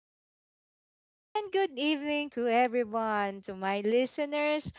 good afternoon, and good evening to everyone. To my listeners,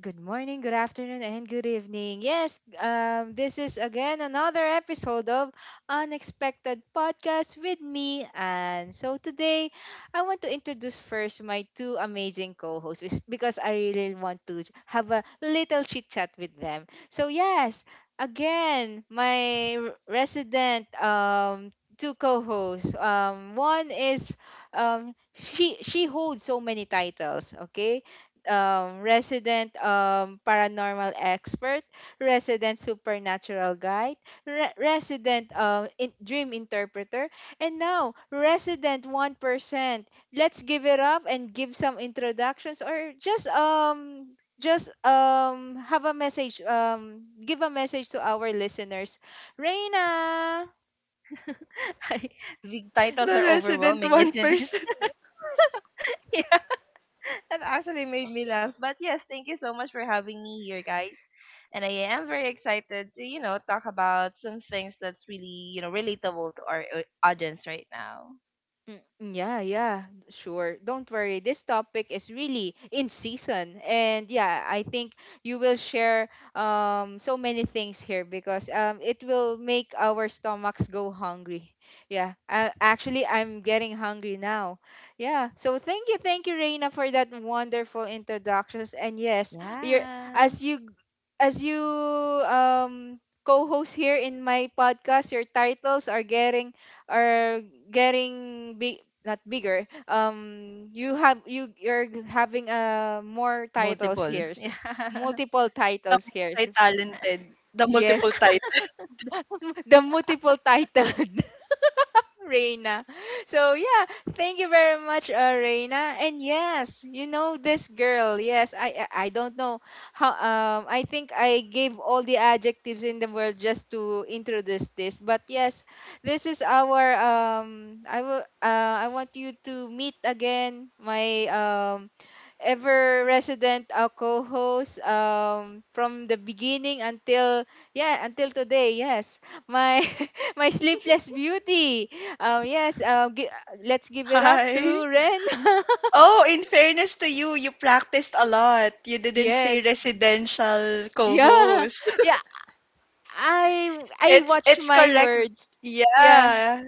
good morning, good afternoon, and good evening. Yes, this is again another episode of Unexpected Podcast with me. And so today, I want to introduce first my two amazing co hosts because I really want to have a little chit chat with them. So, yes, again my r- resident two co-hosts. One is she holds so many titles. Okay, resident paranormal expert, resident supernatural guide, dream interpreter, and now resident 1%. Let's give it up and give some introductions or just have a message, give a message to our listeners. Reina. I, the titles The are resident overwhelming, isn't it? 1%. Yeah, that actually made me laugh. But yes, thank you so much for having me here, guys. And I am very excited to, talk about some things that's really, relatable to our audience right now. Yeah, yeah, sure. Don't worry. This topic is really in season. And yeah, I think you will share so many things here because it will make our stomachs go hungry. Yeah. Actually, I'm getting hungry now. Yeah. So thank you, Reina, for that wonderful introductions. And yes, you're Yeah, as you as you um co-host here in my podcast, your titles are are getting big not bigger. You have having more titles multiple. here, so Yeah. multiple The titles here. So, multi-talented. The multiple yes, title. the multiple title, Reina. So yeah, thank you very much, Reina. And yes, you know this girl. Yes, I don't know how. I think I gave all the adjectives in the world just to introduce this. But yes, this is our. I will. I want you to meet again my ever resident co-host from the beginning until yeah, until today. Yes, my my sleepless beauty, um yes uh, gi- let's give it up to Hi. Ren. Oh, in fairness to you, you practiced a lot. You didn't say Yes, residential yeah, co-host. yeah. I It's watch it's my correct. words. Yeah. Yeah.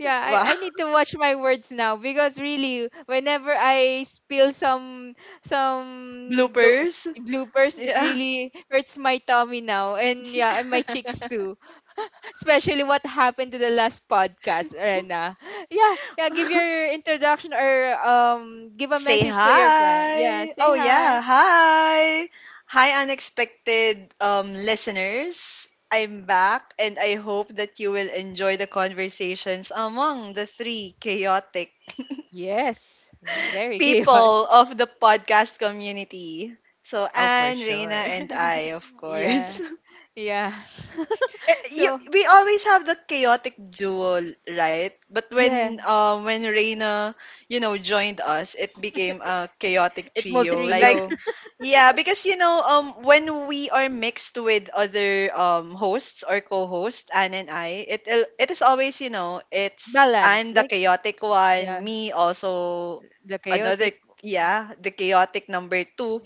Yeah, Wow. I need to watch my words now because really, whenever I spill some those Bloopers. bloopers, it Yeah. really hurts my tummy now, and yeah, and my cheeks too. Especially what happened to the last podcast, Rena. Yeah, yeah. Give your introduction or give a Say message to your friend. Yeah, hi. say Oh hi. yeah, hi. Hi unexpected listeners. I'm back and I hope that you will enjoy the conversations among the three chaotic Yes, very chaotic. people of the podcast community. So Oh, for Anne, sure. Reina and I, of Yeah, course. yeah. So we always have the chaotic duo, right? But yeah, when Reina, joined us, it became a chaotic It trio. multiplied. Like trio. yeah, because when we are mixed with other hosts or co-hosts, Anne and I, it is always, you know, it's Balance, Anne the like chaotic yeah. one, me also The another chaotic, yeah, the chaotic number two,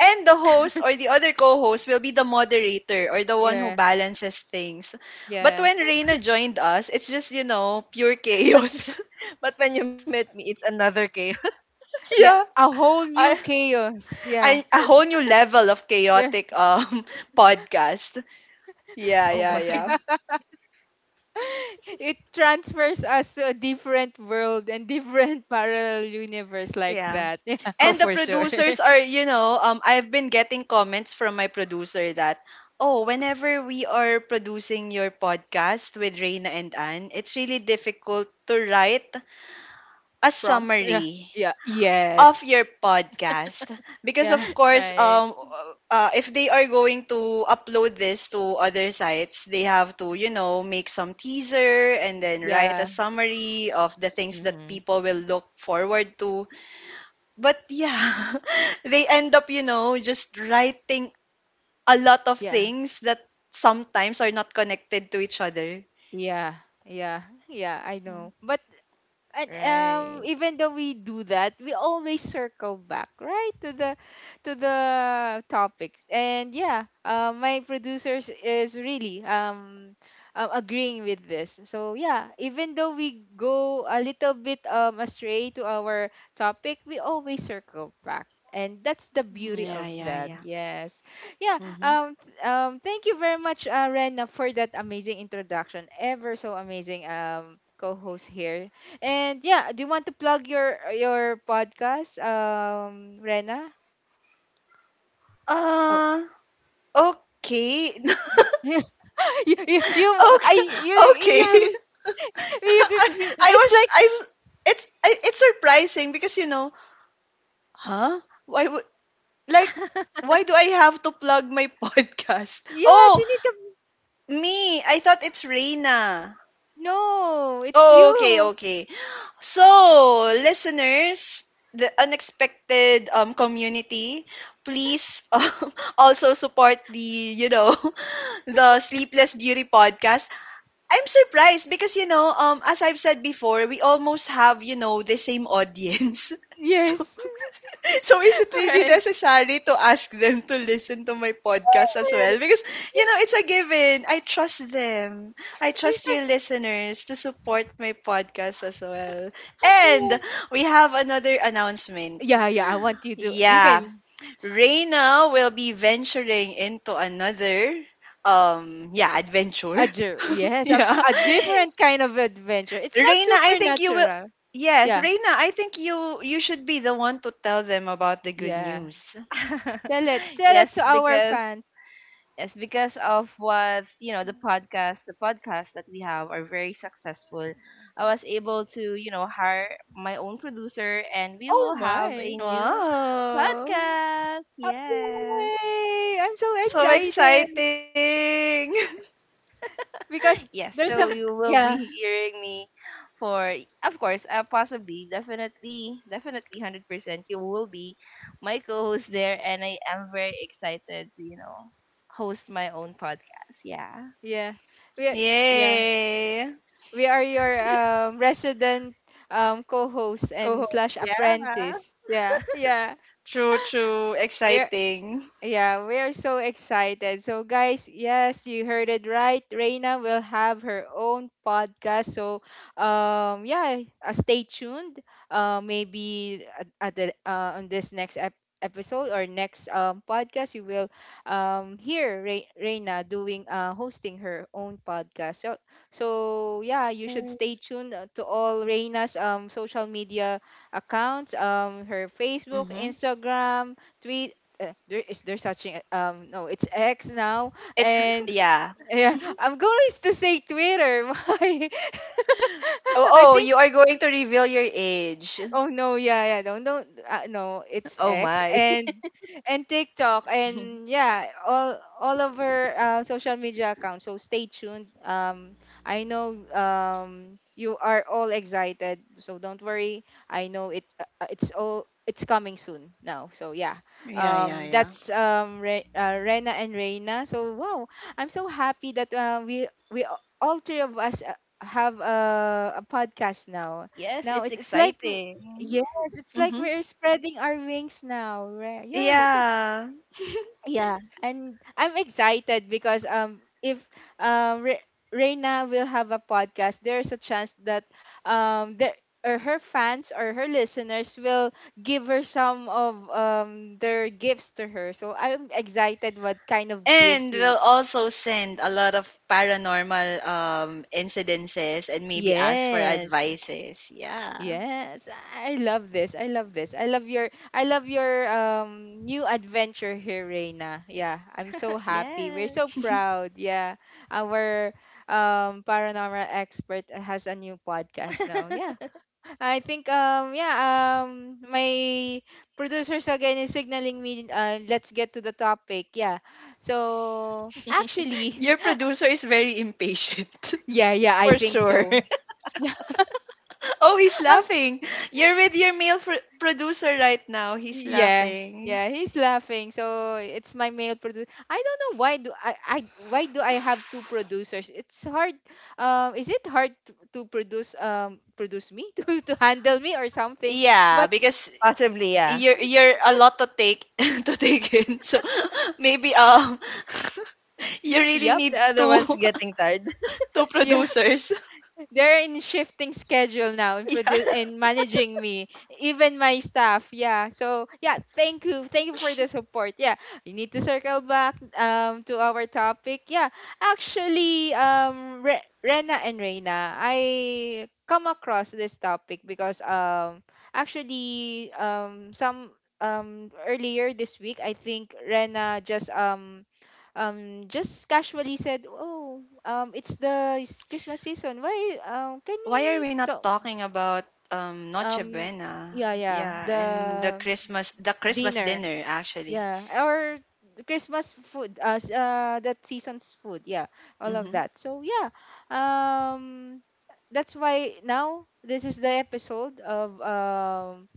and the host or the other co-host will be the moderator or the one who yeah, balances things. But yeah. when Reina joined us, it's just, pure but chaos. but when you met me, it's another chaos. Yeah, yeah. a whole I, new chaos. Yeah. A whole new level of Yeah. chaotic podcast. Yeah, Oh yeah, my. yeah. It transfers us to a different world and different parallel universe like Yeah. that. Yeah. Oh, And the for sure. producers are, I've been getting comments from my producer that, oh, whenever we are producing your podcast with Reina and Anne, it's really difficult to write a Prompts. Yeah. summary Yeah. of Yes. your podcast because of Yeah. course right. If they are going to upload this to other sites, they have to, you know, make some teaser and then write a Yeah. summary of the things that Mm-hmm. people will look forward to, but yeah they end up, just writing a lot of Yeah. things that sometimes are not connected to each other. Yeah. Yeah. Yeah. I know. But and Right. even though we do that, we always circle back right to the topics. And yeah, my producers is really agreeing with this. So yeah, even though we go a little bit astray to our topic, we always circle back, and that's the beauty Yeah, of yeah, that. hmm yeah. Yes, yeah. Mm-hmm. Thank you very much, Rena, for that amazing introduction, ever so amazing co-host here. And yeah, do you want to plug your podcast, Rena? Oh. uh okay. you, you, I, Okay, okay. you, you, I, you- it's like, I was it's I, it's surprising because, you know, huh? Why would like why do I have to plug my podcast? yes, Oh, you need to, me. I thought it's Reina. no, it's Oh, okay, you. okay. So, listeners, the unexpected community, please, also support the, you know, the Sleepless Beauty podcast. I'm surprised because, as I've said before, we almost have, the same audience. So, Yes. so is it really right. necessary to ask them to listen to my podcast as well? Yes. Because, it's a given. I trust them. I trust your listeners to support my podcast as well. And Yeah. we have another announcement. Yeah, yeah, I want you to, you Yeah, can, Reina will be venturing into another yeah adventure. a, ju- yes, yeah. a different kind of adventure. It's not Reina, I think you will. supernatural. Yes, Yeah, Reina, I think you should be the one to tell them about the good yeah. news. Tell yes it to our because fans. yes, because of what you know, the podcast that we have are very successful. I was able to, you know, hire my own producer, and we Oh will have a my. new Wow. podcast. Yes. Okay, I'm so So excited exciting. because Yes, there's so a you will yeah, be hearing me for, of course, possibly, definitely, 100%. You will be my co-host there, and I am very excited to, you know, host my own podcast. Yeah, yeah, we yeah Yay. we are your resident co-host and co-host. slash Yeah. apprentice. Yeah, yeah, True, true. we. Exciting. Yeah, we are so excited. So, guys, yes, you heard it right. Reina will have her own podcast. So, yeah, stay tuned. Maybe at the on this episode or next podcast, you will hear Reina doing hosting her own podcast. So, yeah, you should Mm. stay tuned, to all Reina's social media accounts, her Facebook, Mm-hmm. Instagram, tweet. There is there such thing no, it's X now. It's, n- And yeah. yeah, I'm going to say Twitter. Why? Oh, I oh, think. you are going to reveal your age. Oh no, yeah, yeah. Don't no, it's Oh X my. and TikTok and yeah, all of her social media accounts. So stay tuned. I know you are all excited, so don't worry. I know it, it's all, it's coming soon now. So yeah. yeah, yeah, yeah. Rena and Reina. So wow, I'm so happy that, we all three of us, have a podcast now. Yes, it's It's like, exciting. yes, it's like Mm-hmm. we're spreading our wings now, right? Yeah. Yeah. Yeah, and I'm excited because if um Re- Reina will have a podcast, there's a chance that there or her fans or her listeners will give her some of their gifts to her. So I'm excited what kind of gifts And you. we'll also send a lot of paranormal, incidences, and maybe ask for Yes. advices. Yeah. Yes, I love this. I love this. I love your new adventure here, Reina. Yeah, I'm so happy. We're Yes. so proud. Yeah. Our paranormal expert has a new podcast now. Yeah. I think my producers again is signaling me, let's get to the topic. Yeah. So, actually, Your producer is very impatient. yeah, yeah, I For think sure. so. Yeah. oh, he's I'm. laughing. You're with your male producer right now. He's Yeah, laughing. yeah, he's laughing. So it's my male producer. I don't know why do I have two producers? It's hard. Is it hard to produce me to handle me or something? Yeah, But because Possibly, yeah. you're a lot to take to take in. So maybe you really yep, The need other two one's getting tired. two yeah. producers. They're in shifting schedule now in Yeah. produ- and managing me, even my staff. Yeah, so yeah, thank you for the support. Yeah, we need to circle back to our topic. Yeah, actually Rena and Reina, I come across this topic because actually some earlier this week I think Rena just casually said, "Oh, it's the Christmas season. Why? Can Why are we we not talk? talking about, Noche Um, Buena? yeah, yeah, Yeah, and the the Christmas the Christmas dinner. dinner actually. Yeah, or the Christmas food. That season's food. Yeah, all of Mhm. that. So yeah, um, that's why now this is the episode of um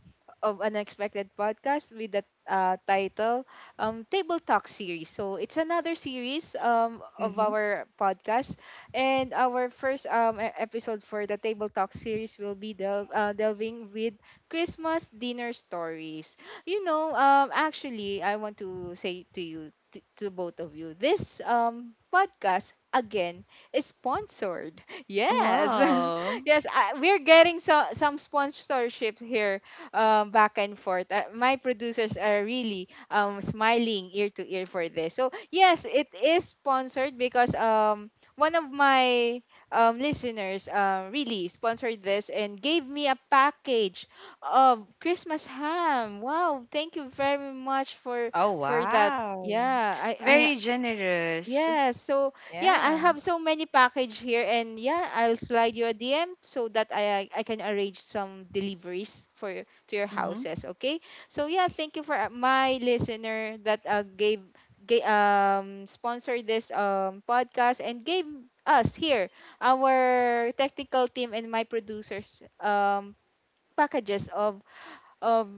of Unexpected Podcast with the title, Table Talk Series. So it's another series, of Mhm. our podcast, and our first episode for the Table Talk series will be delving with Christmas dinner stories. You know, actually, I want to say to you, to both of you, this podcast again is sponsored. Yes. Wow. Yes, we're getting some sponsorship here, back and forth. My producers are really, smiling ear to ear for this. So yes, it is sponsored because, one of my listeners, really sponsored this and gave me a package of Christmas ham. Wow! Thank you very much Oh for that. Yeah, wow. I. Very generous. Yes. So yeah, I Yeah. have so many package here, and yeah, I'll slide you a DM so that I can arrange some deliveries for your- to your Mhm. houses. Okay. So yeah, thank you for, my listener that, gave sponsored this podcast and gave us here our technical team and my producers packages of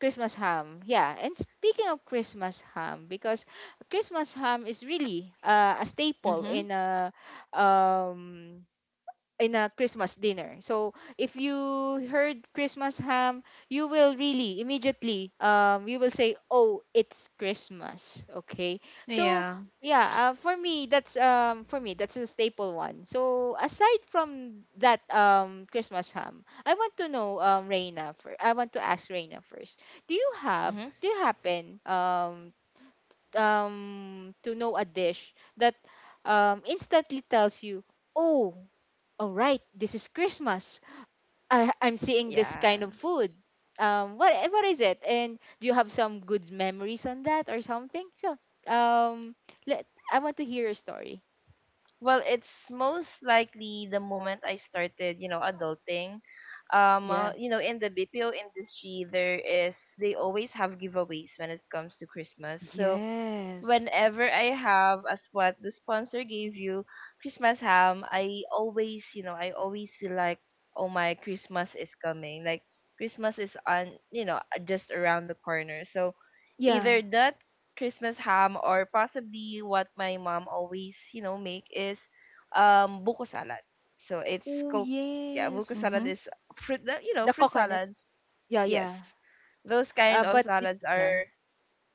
Christmas ham. Yeah, and speaking of Christmas ham, because Christmas ham is really a staple Mhm. Um in a Christmas dinner. So if you heard Christmas ham, you will really immediately you will say, "Oh, it's Christmas." Okay. So Yeah. yeah, for me that's a staple one. So aside from that Christmas ham, I want to know Reina for I want to ask Reina first. Do you have hmm do you happen to know a dish that instantly tells you, "Oh, all right, this is Christmas. I'm seeing this kind Yeah. of food. What is it? And do you have some good memories on that or something?" So, um, let I want to hear a story. Well, it's most likely the moment I started, you know, adulting. Yeah, You know, in the BPO industry, there is they always have giveaways when it comes to Christmas. So, yes, whenever I have, as what the sponsor gave you, Christmas ham, I always, you know, I always feel like, oh my, Christmas is coming. Like Christmas is on, you know, just around the corner. So yeah. either that Christmas ham, or possibly what my mom always, you know, make is buko salad. So it's Oh, coke. Yeah, buko yes. salad Mhm. is fruit, you know, The fruit coconut. salads. Yeah, Yes, yeah. those kind of But it. salads are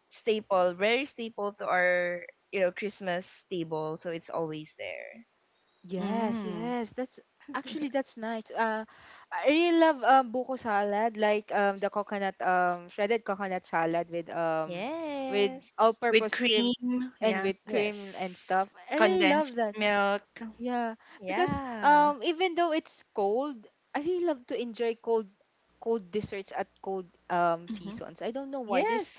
staple, very staple to our, you know, Christmas table. So it's always there. Yes, Mm. yes. That's actually that's nice. I really love buko salad, like the coconut shredded coconut salad with with Yes. With all-purpose cream cream, and yeah. whipped Yes. cream and stuff. I really love Condensed that. milk. Yeah, because Yeah. Even though it's cold, I really love to enjoy cold desserts at cold Mhm. seasons. I don't know why. Yes. There's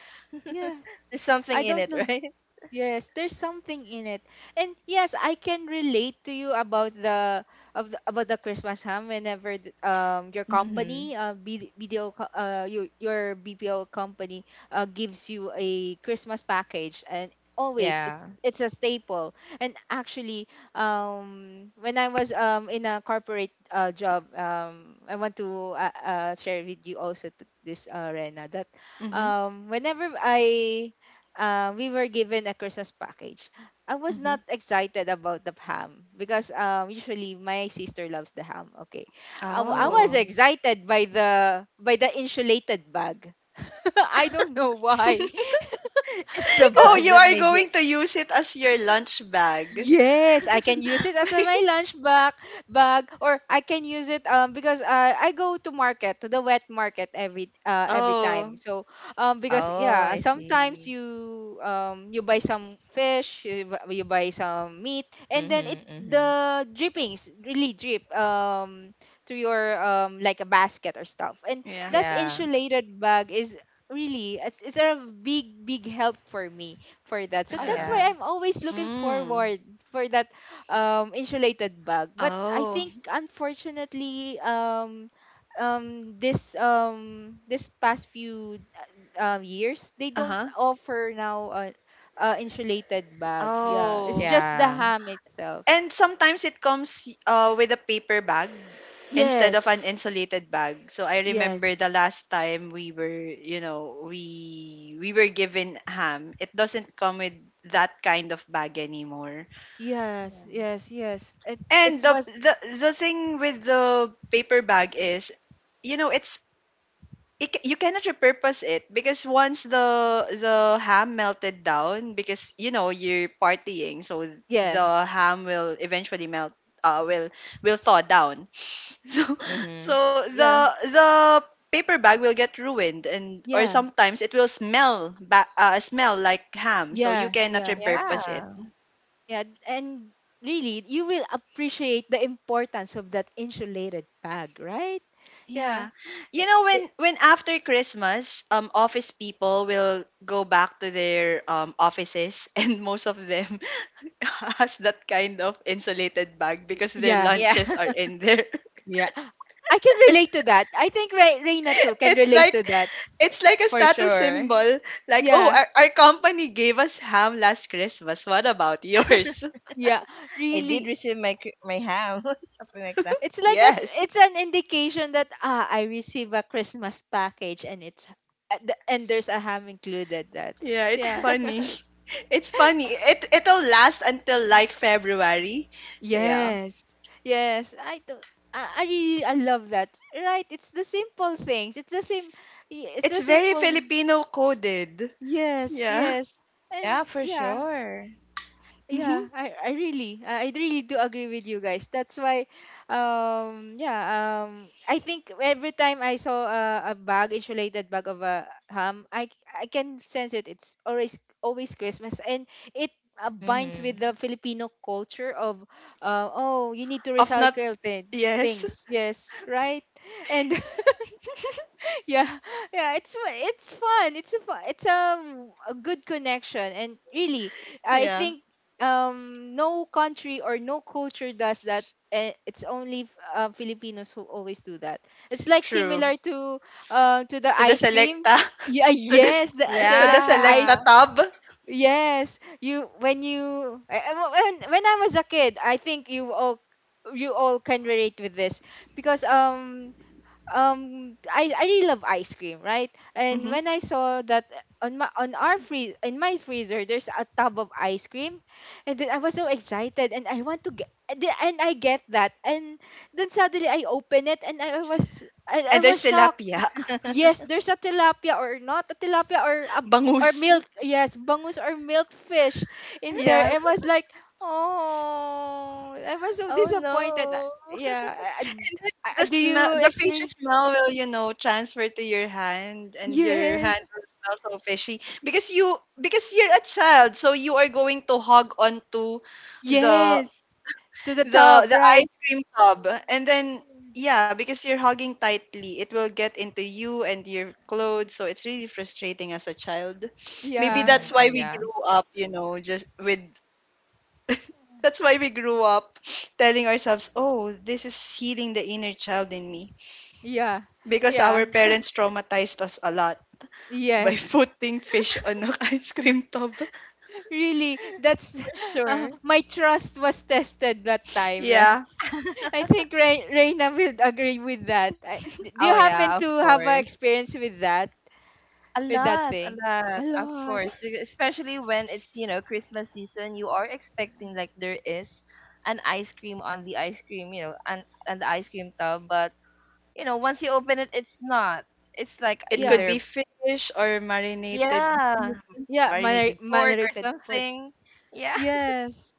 yeah, There's something I in don't it, know. right? Yes, there's something in it. And yes, I can relate to you about the about the Christmas ham whenever your Mhm. Mm-hmm. company BDO your BPO company gives you a Christmas package and always Yeah. it's a staple. And actually when I was in a corporate job, I want to share with you also to this Rena that Mhm. Whenever I we were given a Christmas package. I was not Mhm. excited about the ham because usually my sister loves the ham. Okay, I was Oh. Oh. excited by the insulated bag. I don't know why. because It's the Oh, bag you that are made you. going to use it as your lunch bag. Yes, I can use it as my lunch bag, or I can use it because I go to market to the wet market every time. Oh, So because Oh, yeah, I sometimes see. you you buy some fish, you buy some meat, and then it Mhm. Mhm. the drippings really drip to your like a basket or stuff, and yeah. that Yeah. insulated bag is it's a big help for me for that. So Oh that's Yeah. yeah. why I'm always looking Mm. forward for that insulated bag. But I Oh. think unfortunately this this past few years they don't Uh-huh. offer now insulated bag. Yeah, it's Oh. just the Yeah. ham itself. And sometimes it comes with a paper bag instead of Yes, an insulated bag. So I yes, remember the last time we were, you know, we were given ham. It doesn't come with that kind of bag anymore. yes, Yeah. yes, yes. It And it the was the the thing with the paper bag is, you know, it's you cannot repurpose it, because once the ham melted down because, you're partying, so yeah, the ham will eventually melt uh will will thaw down so Mhm. so the yeah, the paper bag will get ruined, and or yeah, sometimes it will smell like ham, so you yeah, cannot yeah. repurpose it. Yeah. Yeah, and really, you will appreciate the importance of that insulated bag, right? Yeah. Yeah. You know, when It, when after Christmas, office people will go back to their offices, and most of them has that kind of insulated bag because their yeah, Yeah. lunches are in there. yeah. I can relate to that. I think Reina too can It's relate like to that. it's like a For status sure. symbol, like, oh, Yeah, our company gave us ham last Christmas. What about yours? yeah. I did Really. receive my my ham, something like that. It's like a, Yes. it's an indication that ah, I receive a Christmas package and it's and there's a ham included that. Yeah, it's Yeah. funny. It's funny. It it'll last until like February. Yeah. Yes. Yes. I do. I really I love that. Right? It's the simple things. It's the same. It's the It's very simple. Filipino coded. Yes. Yeah. Yes. And Yeah, for yeah, sure. yeah Mhm. I really do agree with you guys. That's why yeah I think every time I saw a bag, insulated bag of a ham, I can sense it, it's always Christmas. And it binds with Mm-hmm. the Filipino culture of oh, you need to Of not, recycle yes. things, yes, right. And yeah, yeah, it's it's fun. It's a fun, it's a good connection, and really, I Yeah. think no country or no culture does that. And it's only Filipinos who always do that. It's like True. similar to the To the ice cream. Selecta. Yeah, To the s- yes, the so to the like the Selecta ice. Yeah. tab. Yes, you when you When when I was a kid, I think you all can relate with this because I really love ice cream, right? And Hmm. when I saw that on my on our free in my freezer there's a tub of ice cream, and then I was so excited and I want to get and I get that and then suddenly I open it and I And was there's shocked. tilapia. Yes, there's a tilapia or not a tilapia or Bangus. milk, yes, bangus or milk fish in there. I Yeah. was like, oh, I was so Oh disappointed. no. Yeah, I- And then the do smell, you the fishy experience? smell will, you know, transfer to your hand, and your hand Yes. will smell so fishy, because you, because you're a child, so you are going to hog onto the Yes. To the top, the right? ice cream tub, and then yeah, because you're hugging tightly, it will get into you and your clothes, so it's really frustrating as a child. Maybe Yeah. that's Mm-hmm. Oh why we yeah. grew up, you know, just with that's why we grew up telling ourselves, oh, this is healing the inner child in me, Yeah. because Yeah. our parents traumatized us a lot by Yes. putting fish on an ice cream tub. Really, For that's sure. My trust was tested that time, right? Yeah, I think Reina will agree with that. Do you Oh happen yeah, of to have an course. experience with that? With that A thing? lot, A of lot. course. Especially when it's, you know, Christmas season, you are expecting like there is an ice cream on the ice cream, you know, and the ice cream tub, but you know, once you open it, it's not. It's like it could Yeah. be either fish or marinated yeah, meat. Yeah, marinated moderate, pork or moderated pork. something. Yeah, Yes.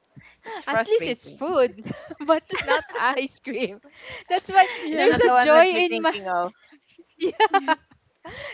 it's At least it's frustrating. food, but it's not ice cream. That's why It's Yeah. there's not the a one joy that you're in my thinking of. yeah.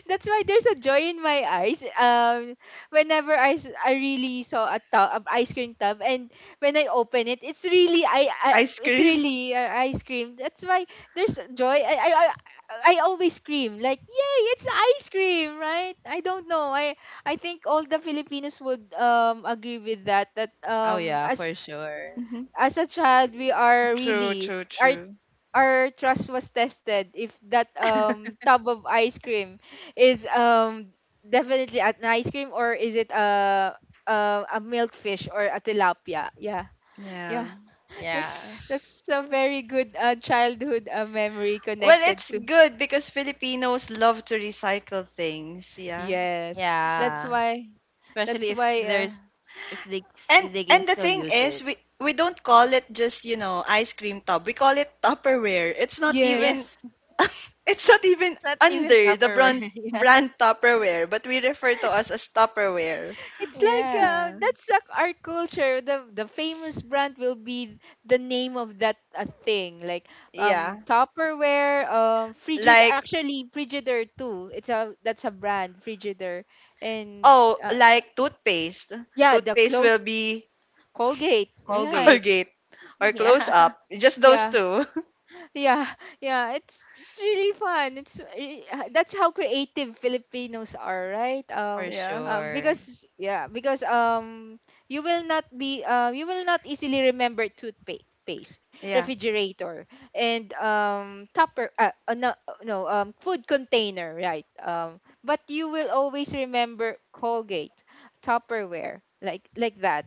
That's why there's a joy in my eyes. Whenever I really saw a tub, a ice cream tub, and when I open it, it's really I, I Ice it's cream. really uh, ice cream. That's why there's joy. I always scream like, yay! It's ice cream, right? I don't know. I think all the Filipinos would agree with that. That Oh yeah, for sure. Mhm. as a child we are True, really true, true. our trust was tested if that tub of ice cream is definitely an ice cream or is it a milkfish or a tilapia, yeah, Yeah. yeah. that's Yeah. that's a very good childhood memory Well, connected it's to, good because Filipinos love to recycle things, yeah. yes. So, That's Yeah. why, Especially that's if why there's if they can and the still thing use is, it. we don't call it just, you know, ice cream tub. We call it Tupperware. It's not Yes. even yes. it's not even It's not even under the Tupperware. Yeah. brand Tupperware, but we refer to us as Tupperware. It's like Yeah. that's like our culture. The famous brand will be the name of that thing, like Yeah. Tupperware, Frigid. Like, Actually, Frigidaire too. It's a, that's a brand, Frigidaire, and oh, uh, like toothpaste. yeah, the Toothpaste clothes will be Colgate, Colgate. right? Colgate or Close Yeah. Up. Just those Yeah, two. yeah, yeah, it's really fun. It's that's how creative Filipinos are, right? For Yeah. Sure. Because yeah, because you will not be you will not easily remember toothpaste, Yeah. refrigerator, and tupper. No, no, food container, right? But you will always remember Colgate, Tupperware, like that.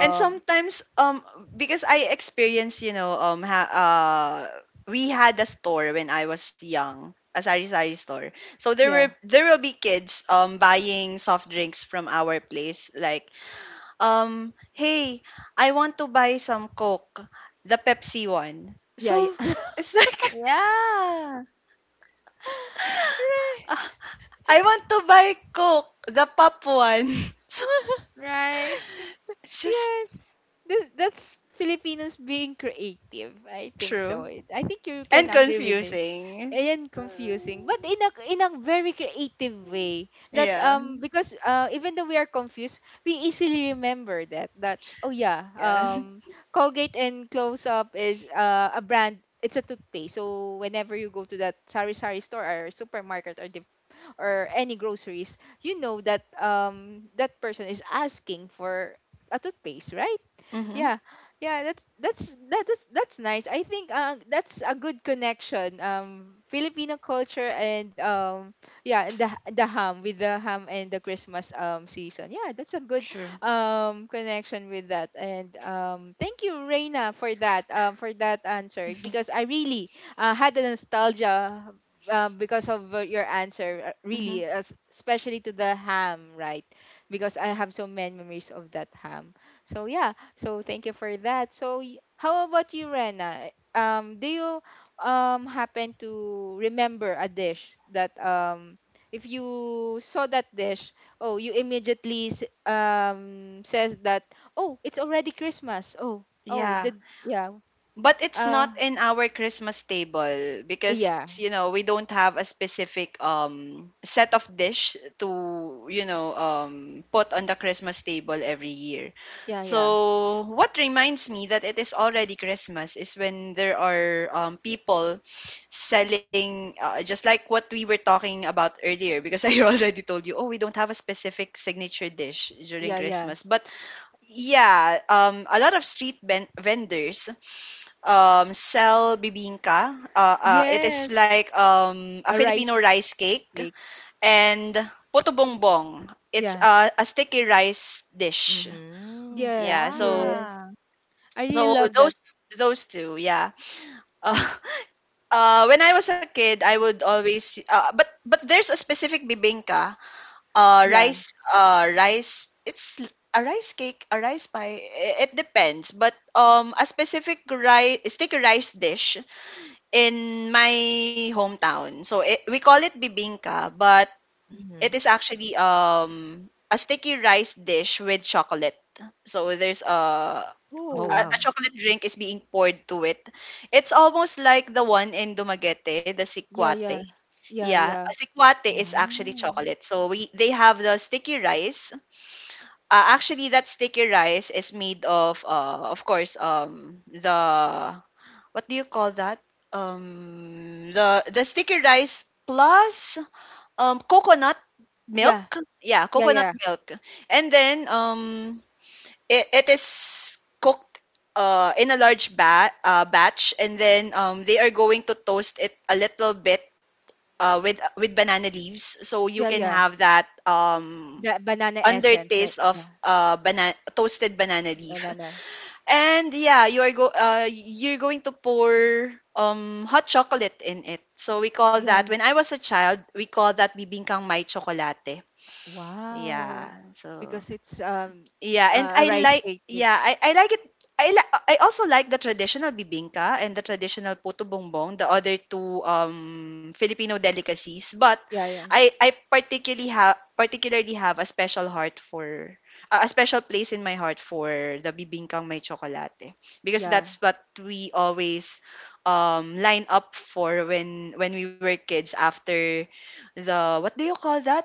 And sometimes, because I experienced, we had a store when I was young, a sari-sari store. So Yeah, there will be kids buying soft drinks from our place, like, hey, I want to buy some Coke, the Pepsi one. yeah, yeah. So it's like Yeah. Right. ah, I want to buy Coke, the pop one. So Right. it's just Yes. This, that's Filipinos being creative. I think so. true I think you can and agree with it. confusing. And confusing, but in a very creative way. That Yeah. Because even though we are confused, we easily remember that, that, oh yeah, Yeah. Colgate and Close Up is a brand. It's a toothpaste. So whenever you go to that sari sari store or supermarket or any groceries, you know that that person is asking for a toothpaste, right? Mm-hmm. Yeah, yeah, that's that is that's nice. I think that's a good connection, Filipino culture and yeah, and the ham with the ham and the Christmas season, yeah, that's a good True. Connection with that. And thank you, Reina, for that answer, because I really had a nostalgia because of your answer, Mm-hmm. really, especially to the ham, right? Because I have so many memories of that ham, so yeah, so thank you for that. So how about you, Rena? Do you happen to remember a dish that if you saw that dish, oh, you immediately says that, oh, it's already Christmas. Oh, oh, Yeah. the yeah. But it's Uh, not in our Christmas table oh, because, you know, we don't have a specific set of dish to, you know, put on the Christmas table every year. yeah, yeah, So what reminds me that it is already Christmas is when there are people selling, just like what we were talking about earlier, because I already told you, oh, we don't have a specific signature dish during yeah. Christmas. But, yeah, a lot of street vendors, sell bibingka. It is Yes, like, a a Filipino rice rice cake, cake. and puto bongbong. It's Yeah. A sticky rice dish. Mhm. Yeah, Yes, so yes. Yeah. I so really love that. Those two. Yeah. When I was a kid, I would always, but there's a specific bibingka. Yeah. A rice cake, a rice pie. I- It depends, but, a specific stick rice dish in my hometown. So we call it bibingka, but it Mhm. is actually a sticky rice dish with chocolate. So there's a a, Oh Oh, a wow. chocolate drink is being poured to it. It's almost like the one in Dumaguete, the yeah, sikwate. yeah, yeah, Yeah, a yeah, sikwate is actually Mm. chocolate. So we they have the sticky rice, actually, that sticky rice is made of course, the, what do you call that? The sticky rice plus, coconut yeah. milk. Yeah, Yeah, coconut yeah. milk, and then, it is cooked, in a large batch, and then, they are going to toast it a little bit, with banana leaves, so you Yeah, can yeah. have that, That banana essence, right? undertaste of, Yeah. Banana toasted banana leaf. Banana. And yeah, you are go you're going to pour hot chocolate in it. So we call Yeah. that, when I was a child, we call that bibingkang may chocolate. Yeah. Wow. So Because it's yeah, and a I rice like, cake with yeah, I like it. I also like the traditional bibingka and the traditional puto bongbong, the other two Filipino delicacies, but yeah, yeah. I particularly have a special heart for a special place in my heart for the bibingkang may chocolate, because Yeah. that's what we always line up for when we were kids, after the, what do you call that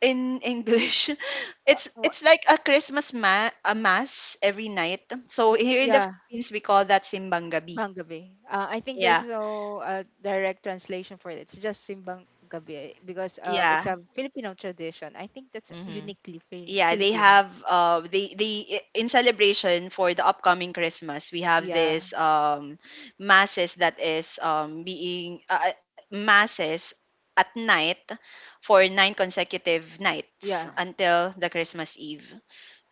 in English. Uh, wha- it's like a Christmas ma a mass every night. So here in the yeah, Philippines we call that Simbang Gabi. Banggabi. I think there's Yeah. no direct translation for it. It's just Simbang Gabi because Yeah. it's a Filipino tradition. I think that's Mhm. uniquely Yeah, they Filipino. have they I- in celebration for the upcoming Christmas, we have Yeah, this masses that is being masses at night for nine consecutive nights yeah, until the Christmas Eve.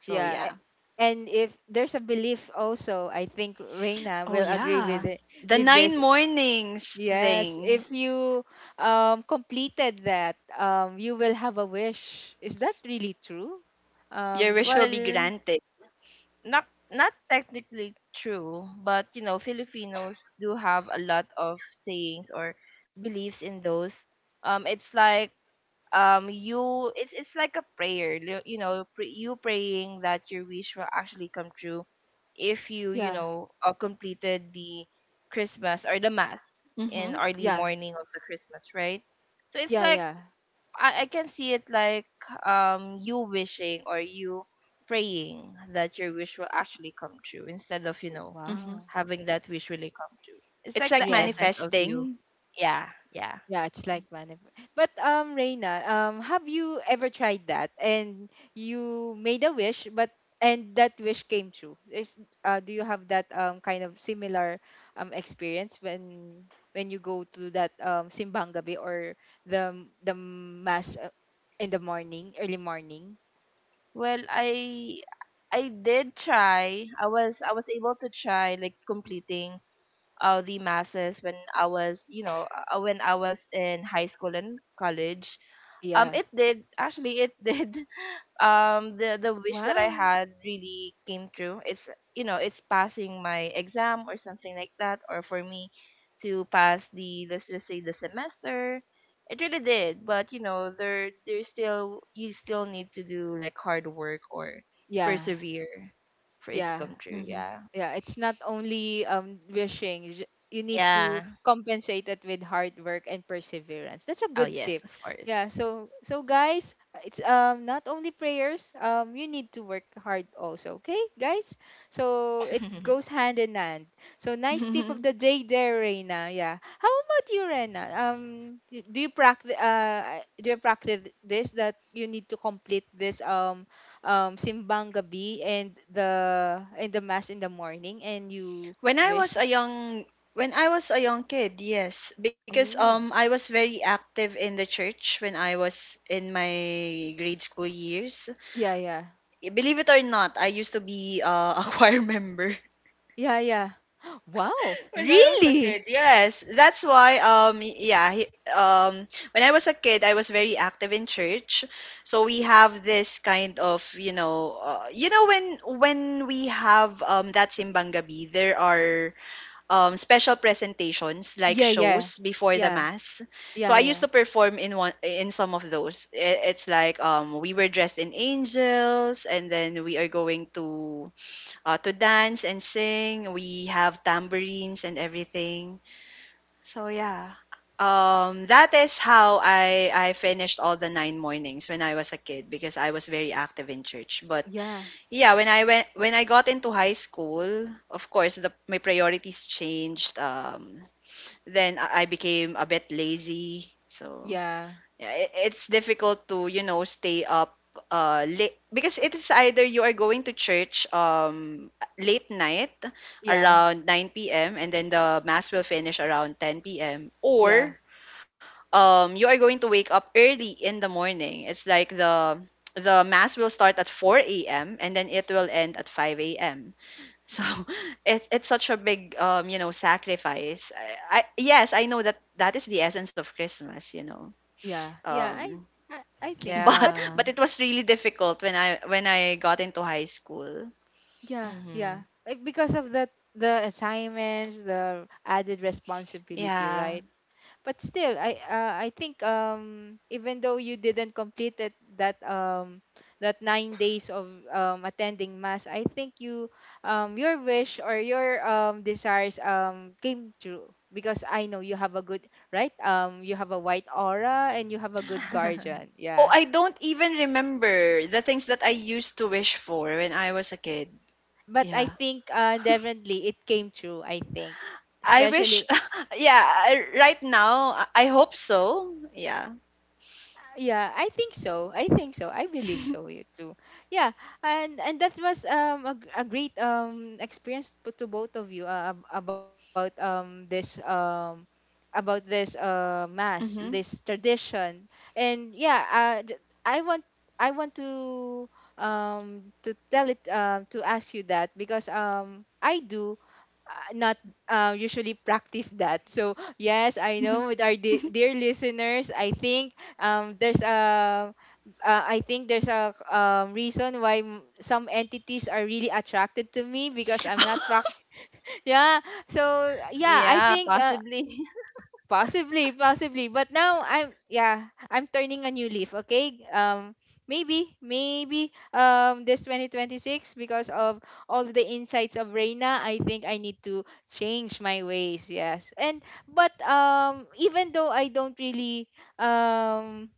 So yeah. yeah. A- And if there's a belief also, I think Reina Oh will agree yeah. with it, The with nine this. mornings Yes, thing. if you completed that, you will have a wish. Is that really true? Your wish Um, will be Well, granted. Not technically true, but you know, Filipinos do have a lot of sayings or beliefs in those. It's like you it's like a prayer you you know you praying that your wish will actually come true if you you yeah, know completed the christmas or the mass in Mm-hmm. early yeah, morning of the christmas right so it's yeah, like yeah. I can see it like you wishing or you praying that your wish will actually come true instead of you know Mm-hmm. Wow. having that wish really come true. It's It's like like the Yeah. essence of you. manifesting. Yeah, yeah. Yeah, it's like whenever. But Reina, have you ever tried that and you made a wish, but and that wish came true? Is do you have that kind of similar experience when you go to that simbang gabi or the mass in the morning, early morning? Well, I did try. I was able to try like completing the masses when I was you know when I was in high school and college. Yeah. It did actually it did the wish that I Wow. had really came true. It's you know it's passing my exam or something like that, or for me to pass the let's just say the semester. It really did, but you know there's still you still need to do like hard work or Yeah. persevere for it to Yeah. come true. Mm-hmm. Yeah, Yeah, it's not only wishing, you you need to yeah. compensate it with hard work and perseverance. That's a Oh good yes, tip. of course. Yeah, so so guys, it's not only prayers, you need to work hard also, okay guys, so it goes hand in hand. So nice tip of the day there, Reina. Yeah, how about you, Reina? Do you practice do you practice this, that you need to complete this simbang gabi and the mass in the morning and you when I wish, was a young when I was a young kid, yes, because I oh was very active in the church when I was in my grade school years. yeah, yeah, Believe it or not, I used to be a choir member. yeah, yeah. Wow, When I was a really, kid, yes. That's why, yeah, when I was a kid, I was very active in church. So we have this kind of, you know, when we have that simbang gabi, there are special presentations like yeah, yeah, shows before the yeah, mass. So I used yeah, to perform in one in some of those. It's like we were dressed in angels, and then we are going to dance and sing. We have tambourines and everything. So yeah, that is how I finished all the nine mornings when I was a kid because I was very active in church. But yeah, yeah, when I got into high school, of course the my priorities changed. Then I became a bit lazy. So yeah, yeah, it's difficult to, you know, stay up late because it is either you are going to church late night yeah, yeah, around 9 p.m. and then the mass will finish around 10 p.m. yeah, or you are going to wake up early in the morning. It's like the mass will start at 4 a.m. and then it will end at 5 a.m. So it's such a big sacrifice. I yes, I know that that is the essence of Christmas, yeah, yeah. Um I think so, but but Yeah. but it was really difficult when I got into high school. yeah, yeah. Mhm. Eh, because of that, the assignments, the added responsibility, Yeah. right? But still, I think even though you didn't complete it, that that nine days of attending mass, I think you your wish or your desires came true, because I know you have a good, right, you have a white aura and you have a good guardian, Oh, yeah, I don't even remember the things that I used to wish for when I was a kid. but I Yeah. think definitely it came true, I think, I wish especially. yeah, right now I hope so. Yeah. Yeah, I think so. I think so. I believe so you too. Yeah, and that was a great experience to both of you about this about this mass, Mhm. this tradition. And yeah I want, I want to tell it, to ask you that because I do not usually practice that. So yes, I know with our dear listeners, I think there's a I think there's a reason why some entities are really attracted to me because I'm not practicing. Yeah. So yeah, I Yeah, think possibly. possibly, possibly. But now I'm yeah, I'm turning a new leaf, okay? Maybe, maybe this 2026, because of all the insights of Reina, I think I need to change my ways. Yes. And but even though um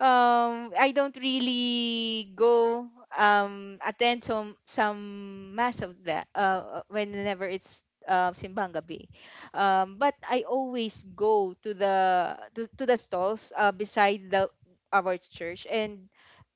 I don't really go attend some mass of that whenever it's simbang gabi. But I always go to the stalls beside the our church. And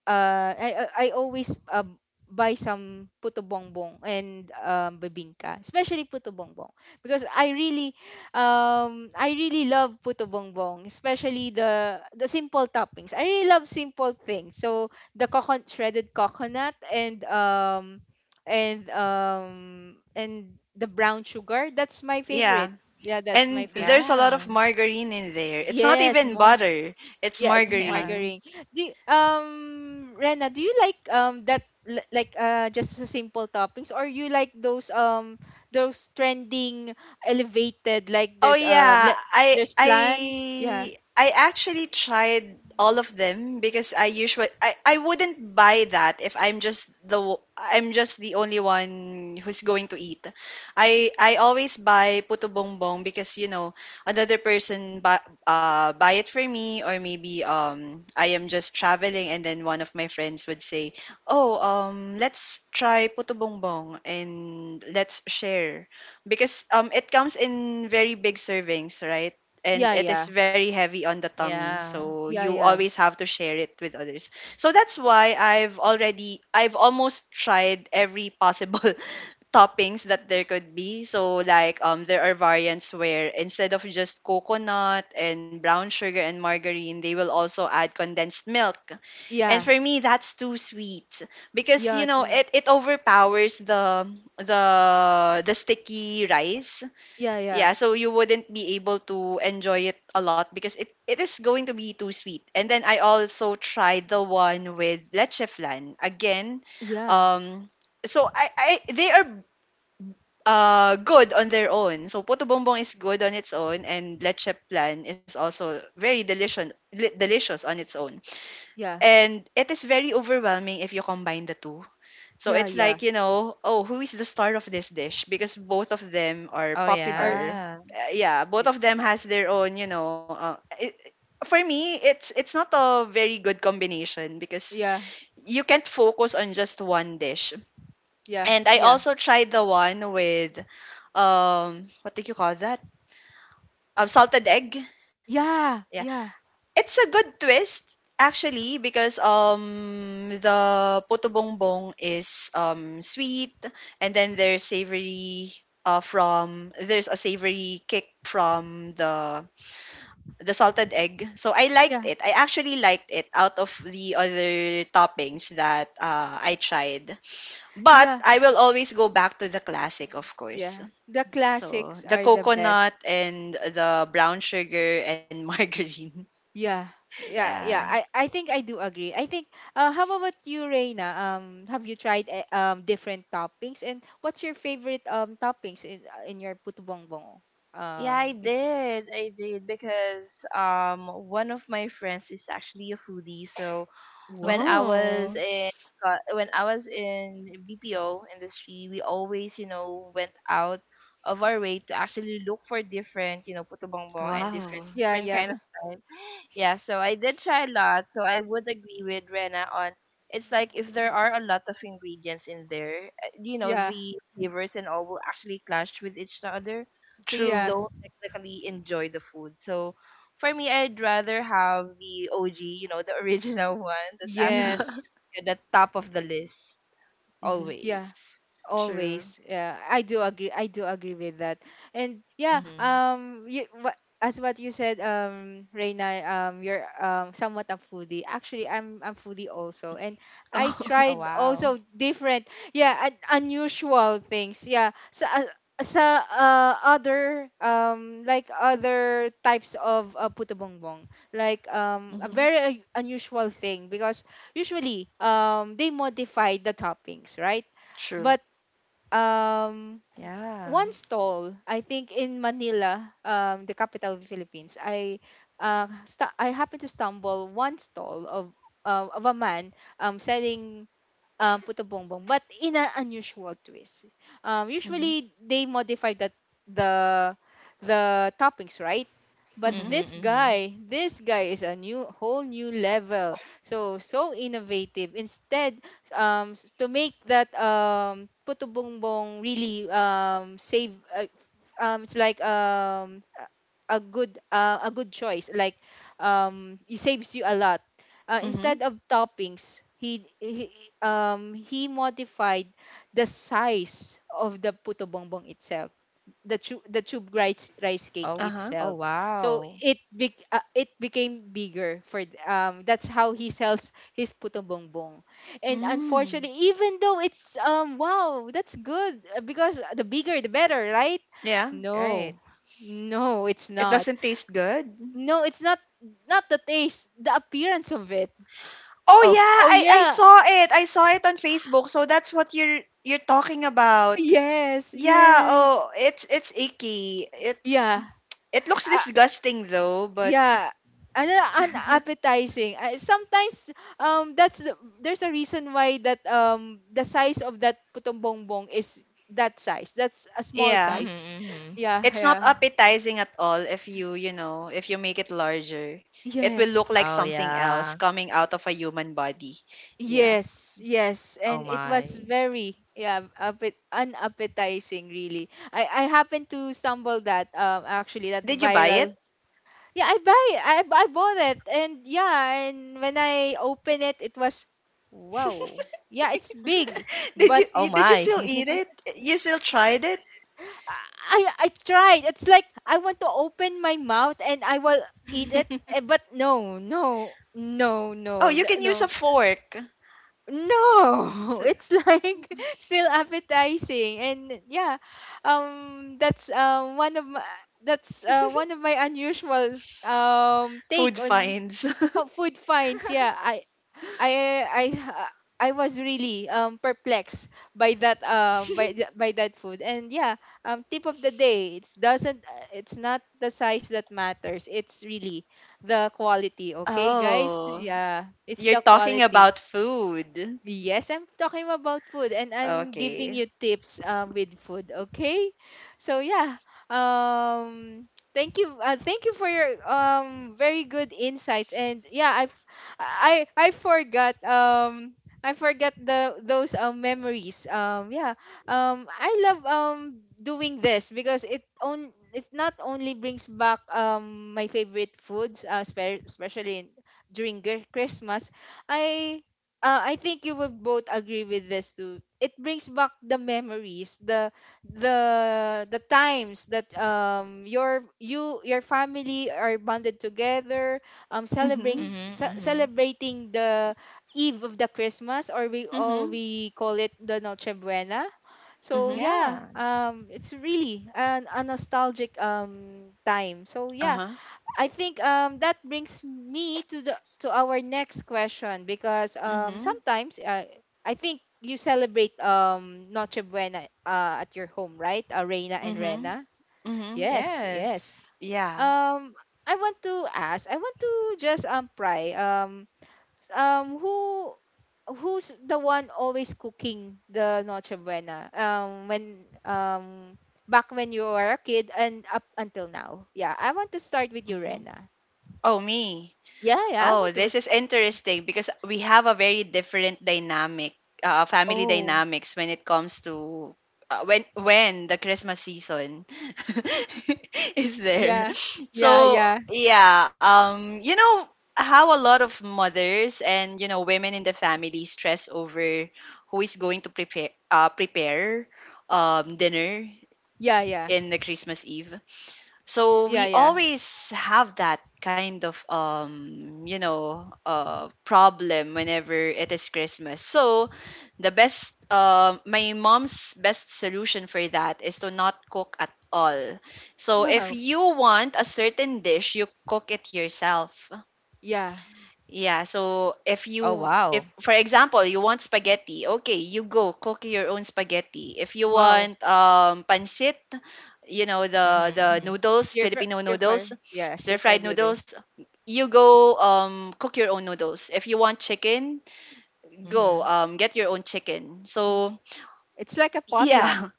I always buy some puto bongbong and bibingka, especially puto bongbong, because I really love puto bongbong, especially the simple toppings. I really love simple things. So the coconut, shredded coconut, and the brown sugar, that's my favorite. yeah. Yeah, that's my And favorite. there's a lot Yeah. of margarine in there. It's not Yes, even more. butter. It's Yeah, it's Yeah. margarine. margarine. Do Rena, do you like that like just a simple toppings, or you like those trending elevated, like Oh there's yeah, there's flan? Yeah. I actually tried all of them because I I wouldn't buy that if I'm just the only one who's going to eat. I always buy puto bongbong because you know another person buy, buy it for me or maybe I am just traveling and then one of my friends would say, "Oh, let's try puto bongbong and let's share." Because it comes in very big servings, right? And Yeah, it is yeah. very heavy on the tummy, Yeah. so Yeah, you yeah. always have to share it with others. So that's why I've almost tried every possible toppings that there could be. So like there are variants where instead of just coconut and brown sugar and margarine, they will also add condensed milk and Yeah. for me, that's too sweet because Yeah, you know to- it overpowers the the sticky rice. yeah, yeah. Yeah, so you wouldn't be able to enjoy it a lot because it is going to be too sweet. And then I also tried the one with leche flan again. Yeah. Um, so I they are good on their own. So puto bongbong is good on its own, and leche flan is also very delicious delicious on its own. Yeah. And it is very overwhelming if you combine the two. So Yeah, it's yeah. like, you know, oh, who is the star of this dish? Because both of them are Oh Or popular. yeah. Yeah, yeah, both of them has their own, you know, for me, it's not a very good combination because yeah, you can't focus on just one dish. yeah. And I also tried the one with what do you call that? Salted egg. Yeah, Yeah. yeah. It's a good twist actually because the puto bongbong is sweet and then there's savory from there's a savory kick from the salted egg. So I liked Yeah. it. I actually liked it out of the other toppings that I tried. But Yeah. I will always go back to the classic, of course. Yeah. The So classics the are the best. coconut and the brown sugar and margarine. Yeah. Yeah, yeah. Yeah. I think I do agree. I think how about you, Reina? Have you tried different toppings, and what's your favorite toppings in your puto bongbong? Yeah, I If did. I did because one of my friends is actually a foodie. So when I Wow. was Oh. in when I was in BPO industry, we always, you know, went out of our way to actually look for different, you know, puto bongbong and Wow, Yeah, different kind yeah. of Yeah, so I did try a lot. So I would agree with Rena on it's like if there are a lot of ingredients in there, you know, Yeah. the flavors and all will actually clash with each other. So you Yeah. true. don't technically enjoy the food. So for me, I'd rather have the OG, you know, the original one that's Yeah. actually Yes. at the top of the list Mhm. always. Yeah. True. Always, yeah, I do agree. I do agree with that. And yeah, Mm-hmm. You what, as what you said, Reina, you're somewhat a foodie. Actually, I'm foodie also, and I Oh, Oh. tried wow. also different, yeah, unusual things. Yeah, so sa other like other types of puto bongbong, like Mhm. a very unusual thing, because usually they modify the toppings, right? True. But um Yeah. one stall, I think, in Manila, the capital of the Philippines, I happened to stumble one stall of a man selling Puto Bongbong, but in an unusual twist. Mhm. Usually, they modify the the toppings, right? But Mhm. Mm-hmm, mm-hmm. This guy is a new whole new level. So so innovative. Instead, to make that Puto Bongbong really save. It's like a a good choice, like it saves you a lot. Mhm. Instead of toppings, he he modified the size of the puto bongbong itself, the tube rice cake Oh, Uh-huh. oh, itself. So wow. it bec it became bigger. That's how he sells his puto bongbong. And Mm. unfortunately, even though it's wow, that's good, because the bigger the better, right? Yeah. Right. No. No, it's It not. doesn't taste good. No, it's not. Not the taste, the appearance of it. Oh yeah, Oh. Oh I yeah. saw it. I saw it on Facebook. So that's what you're talking about. Yes, Yeah, yes. oh, it's icky. It's Yeah. it looks Uh, disgusting though, but yeah. Ano, unappetizing. Sometimes that's there's a reason why that the size of that putong bongbong is that size. That's a small yeah. size. Mm-hmm. Yeah, It's not yeah. appetizing at all if you, you know, if you make it larger. It will look Yes. like Oh, something else yeah. coming out of a human body. Yeah. Yes, yes. Oh, And it was my. very, yeah, unappetizing really. I happened to stumble that actually that Did you buy viral. it? Yeah, I buy I bought it, and yeah, and when I open it, it was wow. Yeah, it's big, but Oh, did you my. still eat it? You still tried it? I I I tried. It's like I want to open my mouth and I will eat it, eh, but no, no, no, Oh, no, you can use no. a fork. S- No, s- it's like still appetizing, and yeah, that's one of my unusual Food take on finds. Food finds. Yeah, I I I was really perplexed by that by that food. And yeah, tip of the day, it's doesn't, it's not the size that matters. It's really the quality, okay, guys? oh, Yeah, it's you're the talking quality. about food. Yes, I'm talking about food and I'm giving Okay. you tips, with food, okay? So yeah, um thank you, thank you for your very good insights. And yeah, I f- I I forgot um I forgot the those memories. Yeah. I love doing this, because it on it not only brings back my favorite foods, especially in, during Christmas. I I think you will both agree with this too. It brings back the memories, the times that you, your family are bonded together, celebrating Mhm. Mhm, mhm. celebrating the eve of the Christmas, or we all Mhm. we call it the Noche Buena. So Mhm. yeah, Yeah. It's really an, a nostalgic time. So Uh yeah, huh. I think that brings me to the to our next question, because Mhm. sometimes I think you celebrate Noche Buena at your home, right? Reina and Mhm. Rena. Mhm. Yes, yes. Yes. Yeah. Um I want to just pry who who's the one always cooking the Noche Buena when back when you were a kid and up until now. Yeah, I want to start with you, Mhm. Rena. Oh, me. Yeah, yeah. I Oh, want to. this Res- is interesting because we have a very different family oh, dynamics when it comes to when the Christmas season is there. yeah, yeah, So yeah, yeah, you know how a lot of mothers and you know women in the family stress over who is going to prepare dinner yeah, yeah, in the Christmas Eve. yeah, So yeah. we always have that kind of problem whenever it is Christmas. So the best my mom's best solution for that is to not cook at all. So if Wow, you want a certain dish, you cook it yourself. yeah, Yeah, so if Oh, you wow. if for example, you want spaghetti, okay, you go cook your own spaghetti. If you wow. want pancit, you know, Mhm, the mhm. noodles, Stir fry, Filipino stir fry. noodles, Yeah, stir fry stir-fried noodles. noodles, you go cook your own noodles. If you want chicken, Mhm. go get your own chicken. Mhm. So, It's like a yeah. potluck.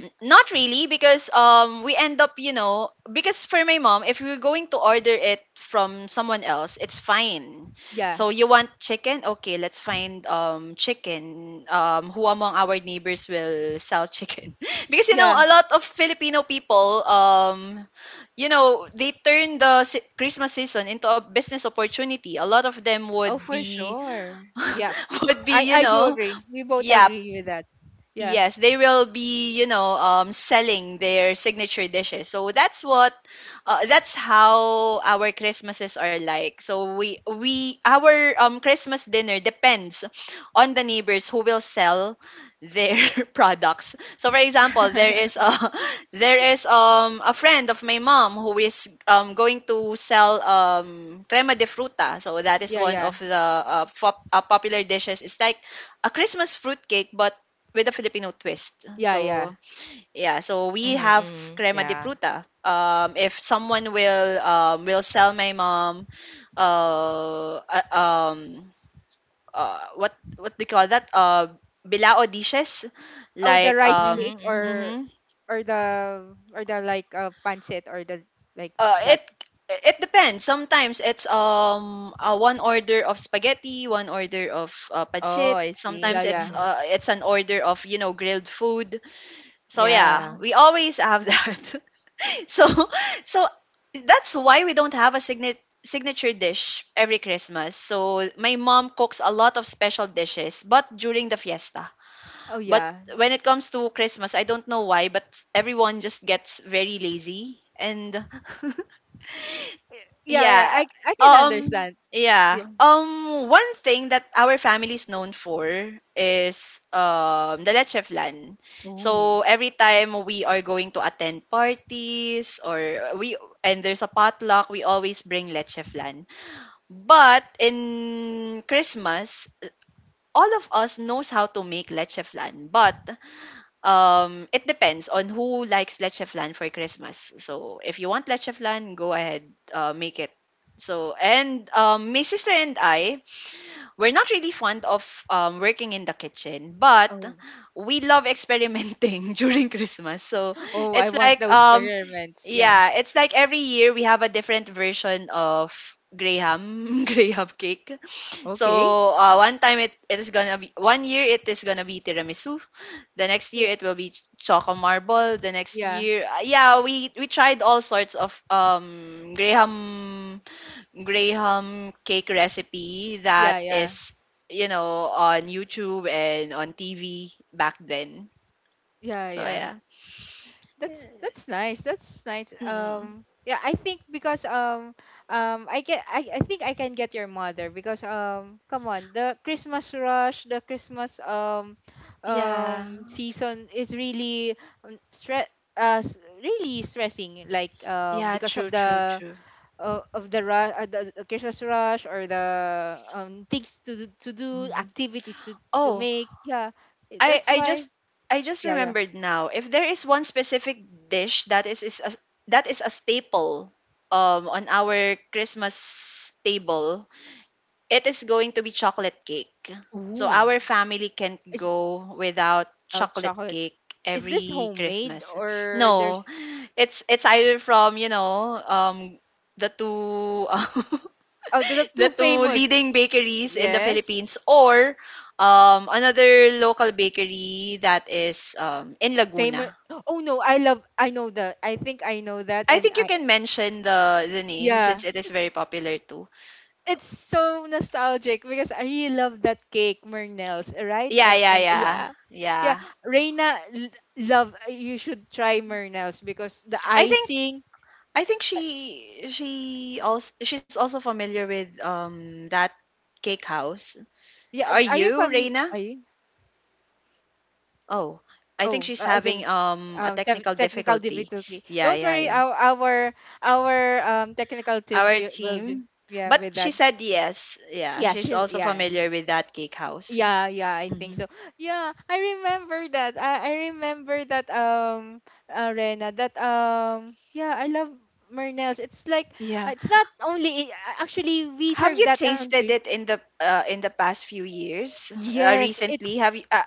Not really because we end up, you know, because for my mom, if we're going to order it from someone else, it's fine. Yeah, So you want chicken? Okay, let's find chicken. Who among our neighbors will sell chicken? because you know, yeah, a lot of Filipino people you know, they turn the Christmas season into a business opportunity. A lot of them Oh, would for be sure. yeah. would be, you I do know, agree. We both yeah, agree with that. Yeah, yes, they will be, you know, selling their signature dishes. So that's that's how our Christmases are like. So we our Christmas dinner depends on the neighbors who will sell their products. So for example, there is a there is a friend of my mom who is going to sell crema de fruta. So that is yeah, one yeah, of the popular dishes. It's like a Christmas fruit cake, but with a Filipino twist. yeah, yeah. So Mhm, yeah, so mhm. we have Yeah. crema de pruta. If someone will sell my mom, uh, uh, um, what do you call that? Bilao dishes, Oh, the like rice Mhm, cake, mhm. or mhm. or the like pancit, or the like that. It it depends. Sometimes it's one order of spaghetti, one order of Oh, pancit. I see. Yeah, Sometimes yeah. Mhm. It's an order of you know grilled food. So yeah, Yeah. we always have that. So so that's why we don't have a signature dish every Christmas. So my mom cooks a lot of special dishes but during the fiesta Oh, but yeah, when it comes to Christmas I don't know why but everyone just gets very lazy and yeah, yeah. yeah. I can understand. Yeah. Yeah. One thing that our family is known for is the leche flan. Oh. So every time we are going to attend parties or we and there's a potluck, we always bring leche flan. But in Christmas, all of us knows how to make leche flan, but it depends on who likes leche flan for Christmas. So if you want leche flan, go ahead, make it. So and my sister and I, we're not really fond of working in the kitchen, but Oh. we love experimenting during Christmas. So Oh, I it's want like those experiments. Yeah. yeah, it's like every year we have a different version of graham graham cake. Okay. So one year it is gonna be tiramisu. The next year Yeah. it will be Choco Marble. The next Yeah. year, yeah, we tried all sorts of Graham Graham cake recipe that Yeah. Yeah. is you know on YouTube and on TV back then. Yeah. So Yeah. yeah. That's nice. That's nice. Mm-mm. Yeah. I think because I get I think I can get your mother, because come on, the Christmas rush, the Christmas Yeah. Season is really um, stre- uh s- really stressing, like Yeah, because true, true, true. Of the rush, the Christmas rush, or the things to do, Mhm. activities to Oh, make. Yeah, I that's I why. just I just Yeah, yeah. remembered now. If there is one specific dish that that is a staple on our Christmas table, it is going to be chocolate cake. So Ooh. our family can't Is, go without oh, chocolate chocolate? cake Is this every homemade, Christmas. or No, there's, it's either from the two oh, the the two two famous? leading bakeries in the Yes, Philippines or another local bakery that is in famous. Laguna. Oh no, I love. I know that. I think I know that, I and think you I, can mention the name since yeah, it is very popular too. it's so nostalgic because I really love that cake, Mernels, right? Yeah, I'm. yeah, I'm. yeah. Yeah. Yeah, Yeah. Reina, love, you should try Mernels because the I think icing, I think uh, she also she's also familiar with that cake house. yeah, Are are you you, family, Reina? are you? Oh, I think Oh, she's I having think a technical technical difficulty. difficulty. Yeah, Don't yeah, worry, yeah. our technical team Our do, will do, team. yeah, But with she that. said yes. Yeah, Yeah, she's she's also yeah, familiar with that cake house. yeah, yeah, I think Hmm. so. Yeah, I remember that. I remember that Rena, that yeah, I love Mernels. It's like Yeah. it's not only actually we Have serve you that on Chri- tasted it in the past few years? Yes, Recently, it's have you?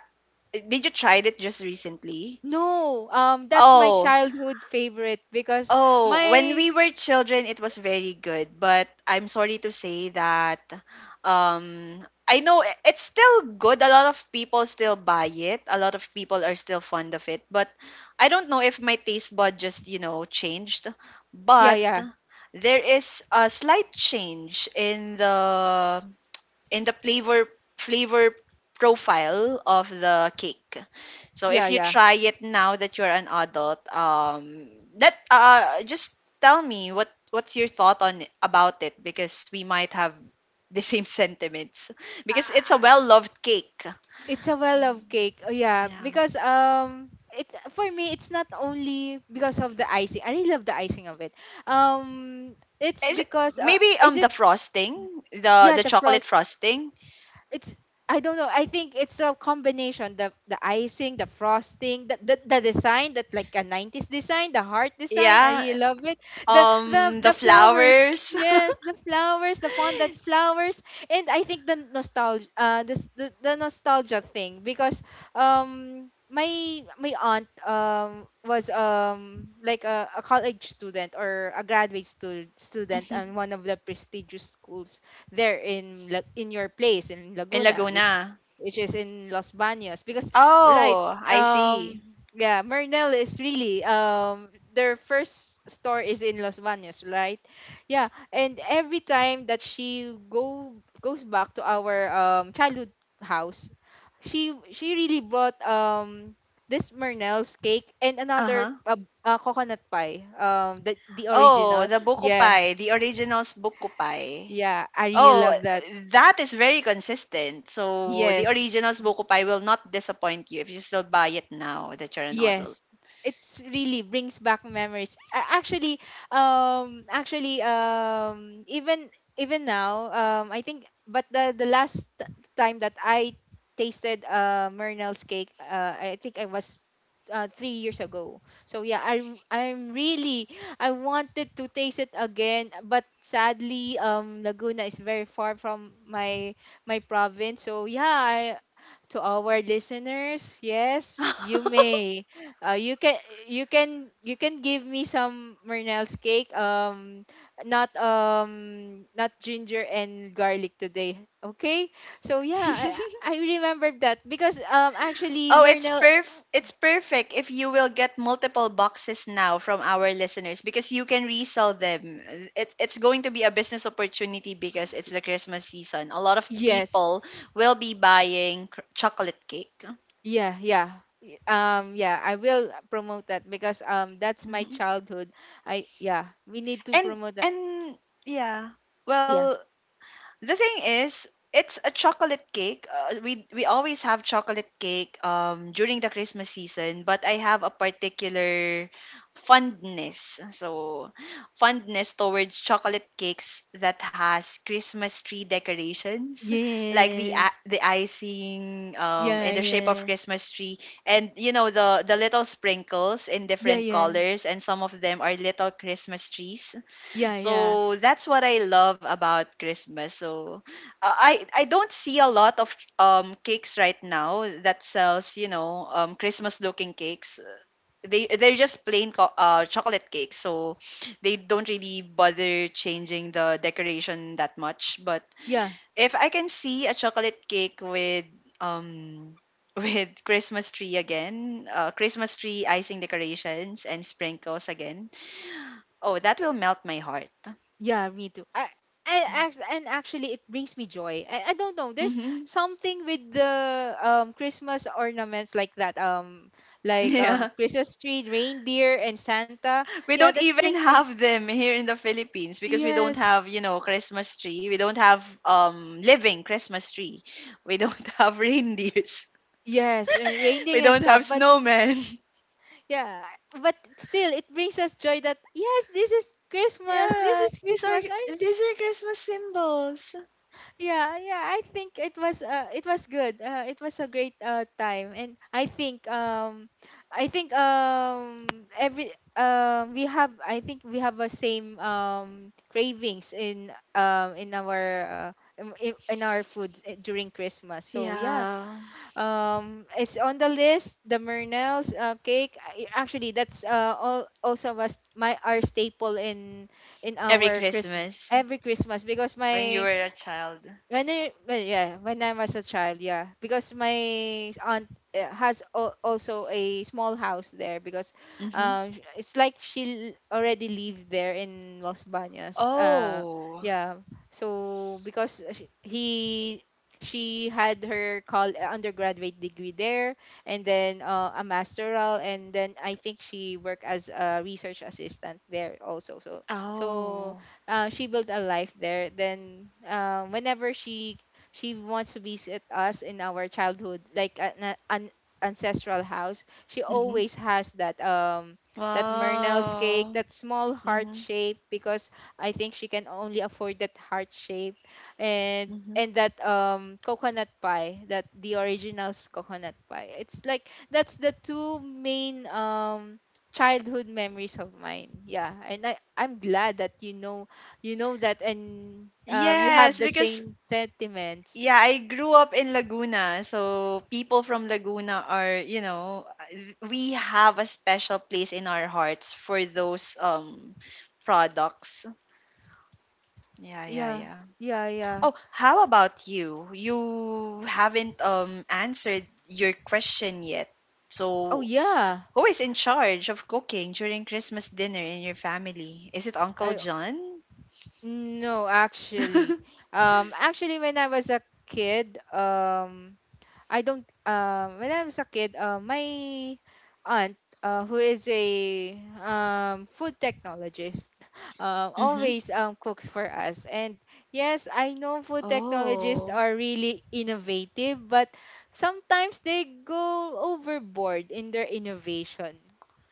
Did you tried it just recently? no. That's my Oh. childhood favorite because Oh, when my we were children, it was very good. But I'm sorry to say that I know it's still good. A lot of people still buy it. A lot of people are still fond of it. But I don't know if my taste bud just, you know, changed. yeah, But yeah. there is a slight change in the flavor flavor profile of the cake. So Yeah, if you yeah. try it now that you're an adult, that just tell me what's your about it, because we might have the same sentiments because it's a Uh, well-loved cake. It's a well of cake. Oh, yeah, Yeah. because it, for me, it's not only because of the icing. I really love the icing of it. Um it's Is because maybe is the it frosting, yeah, the the chocolate frost frosting. it's I don't know. I think it's a combination, the icing, the frosting, the design that like a nineties design, the heart design. I Yeah. really love it. The the The the flowers. flowers. Yes, the flowers, the fondant flowers, and I think the nostalgia, the nostalgia thing, because my my aunt was like a college student, or a graduate student, Mhm. and one of the prestigious schools there in in your place in In Laguna, Laguna. which is in Los Baños, because right, Oh, I um, see. yeah, Marnell is really their first store is in Los Baños, right? Yeah, and every time that she go goes back to our childhood house, she really brought this Marnell's cake, and Uh another huh. Coconut pie, the Oh, original, the buko yeah. pie, the originals buko pie. Yeah, I really Oh, love that. that is very consistent. So the Yes. original Smoko Pie will not disappoint you if you still buy it now that you're an adult. Yes. It's really brings back memories. A- Actually, even even now, I think, but the time that I tasted Murnell's cake, I think I was 3 years ago. So yeah, I I'm really, I wanted to taste it again, but sadly, Laguna is very far from my my province. So yeah, to our listeners, yes, you may you can, you can give me some Mernell's cake, not ginger and garlic today, okay? So yeah, I, I remember that, because actually Oh, it's Mernell, perf it's perfect if you will get multiple boxes now from our listeners, because you can resell them. It's going to be a business opportunity because it's the Christmas season. A lot of yes, people will be buying chocolate cake. yeah, yeah. Yeah, I will promote that because that's my Mhm. childhood. I, yeah, we need to And promote that. and yeah. Yeah, Well, the thing is, it's a chocolate cake. We always have chocolate cake during the Christmas season, but I have a particular fondness. So, fondness towards chocolate cakes that has Christmas tree decorations, like yes, the icing yeah, in the shape of yeah, Christmas tree, and you know the little sprinkles in yeah, different yeah. colors, and some of them are little Christmas trees. Yeah, yeah, So that's what I love about Christmas. So I don't see a lot of cakes right now that sells, you know, Christmas looking cakes. They're just plain chocolate cakes. So they don't really bother changing the decoration that much. But yeah, if I can see a chocolate cake with um with Christmas tree again, Christmas tree icing decorations and sprinkles again, oh, that will melt my heart. yeah. Me too. And actually, it brings me joy. I don't know. There's Mm-hmm. something with the Christmas ornaments like that. Like Yeah. Christmas tree, reindeer, and Santa. We Yeah, don't that even brings me. have them here in the Philippines because we don't Yes, have, you know, Christmas tree. We don't have living Christmas tree. We don't have reindeers. yes, and We reindeer and don't have stuff. But snowmen. yeah, but still, it brings us joy that yes, this is Christmas. This Yeah. is Christmas. These are Christmas symbols. Yeah, yeah, I think it was good. It was a great time, and I think every we have, I think we have a same cravings in our in our food during Christmas. So yeah, Yeah. It's on the list, the Murnell's cake. Actually, that's also was my our staple in Every our Christmas, Christmas every Christmas, because when you my were a child. when I when yeah, when I was a child, yeah, because my aunt also a small house there, because Mhm. It's like she already lived there in Los Baños. Oh. Yeah. So because sh- he she had her col undergraduate degree there, and then a masteral, and then I think she worked as a research assistant there also. So Oh. She built a life there. Then whenever she wants to visit us in our childhood, like an ancestral house, she Mhm. always has that that Murnell's cake, Wow. that small heart Mhm. shape, because I think she can only afford that heart shape, and Mhm. and that coconut pie, that the original's coconut pie. It's like that's the two main childhood memories of mine. Yeah, and I'm glad that you know that, and you have Yes, the because, same sentiments. yeah, I grew up in Laguna. So people from Laguna are, you know, we have a special place in our hearts for those products. Yeah, yeah, Yeah, yeah. yeah, yeah. Oh, how about you? You haven't answered your question yet. Oh So, yeah. who is in charge of cooking during Christmas dinner in your family? Is it Uncle i John? no actually. Actually when I was a kid I don't, when I was a kid, my aunt who is a food technologist Mhm. always cooks for us. And yes, I know food technologists Oh. are really innovative, but sometimes they go overboard in their innovation.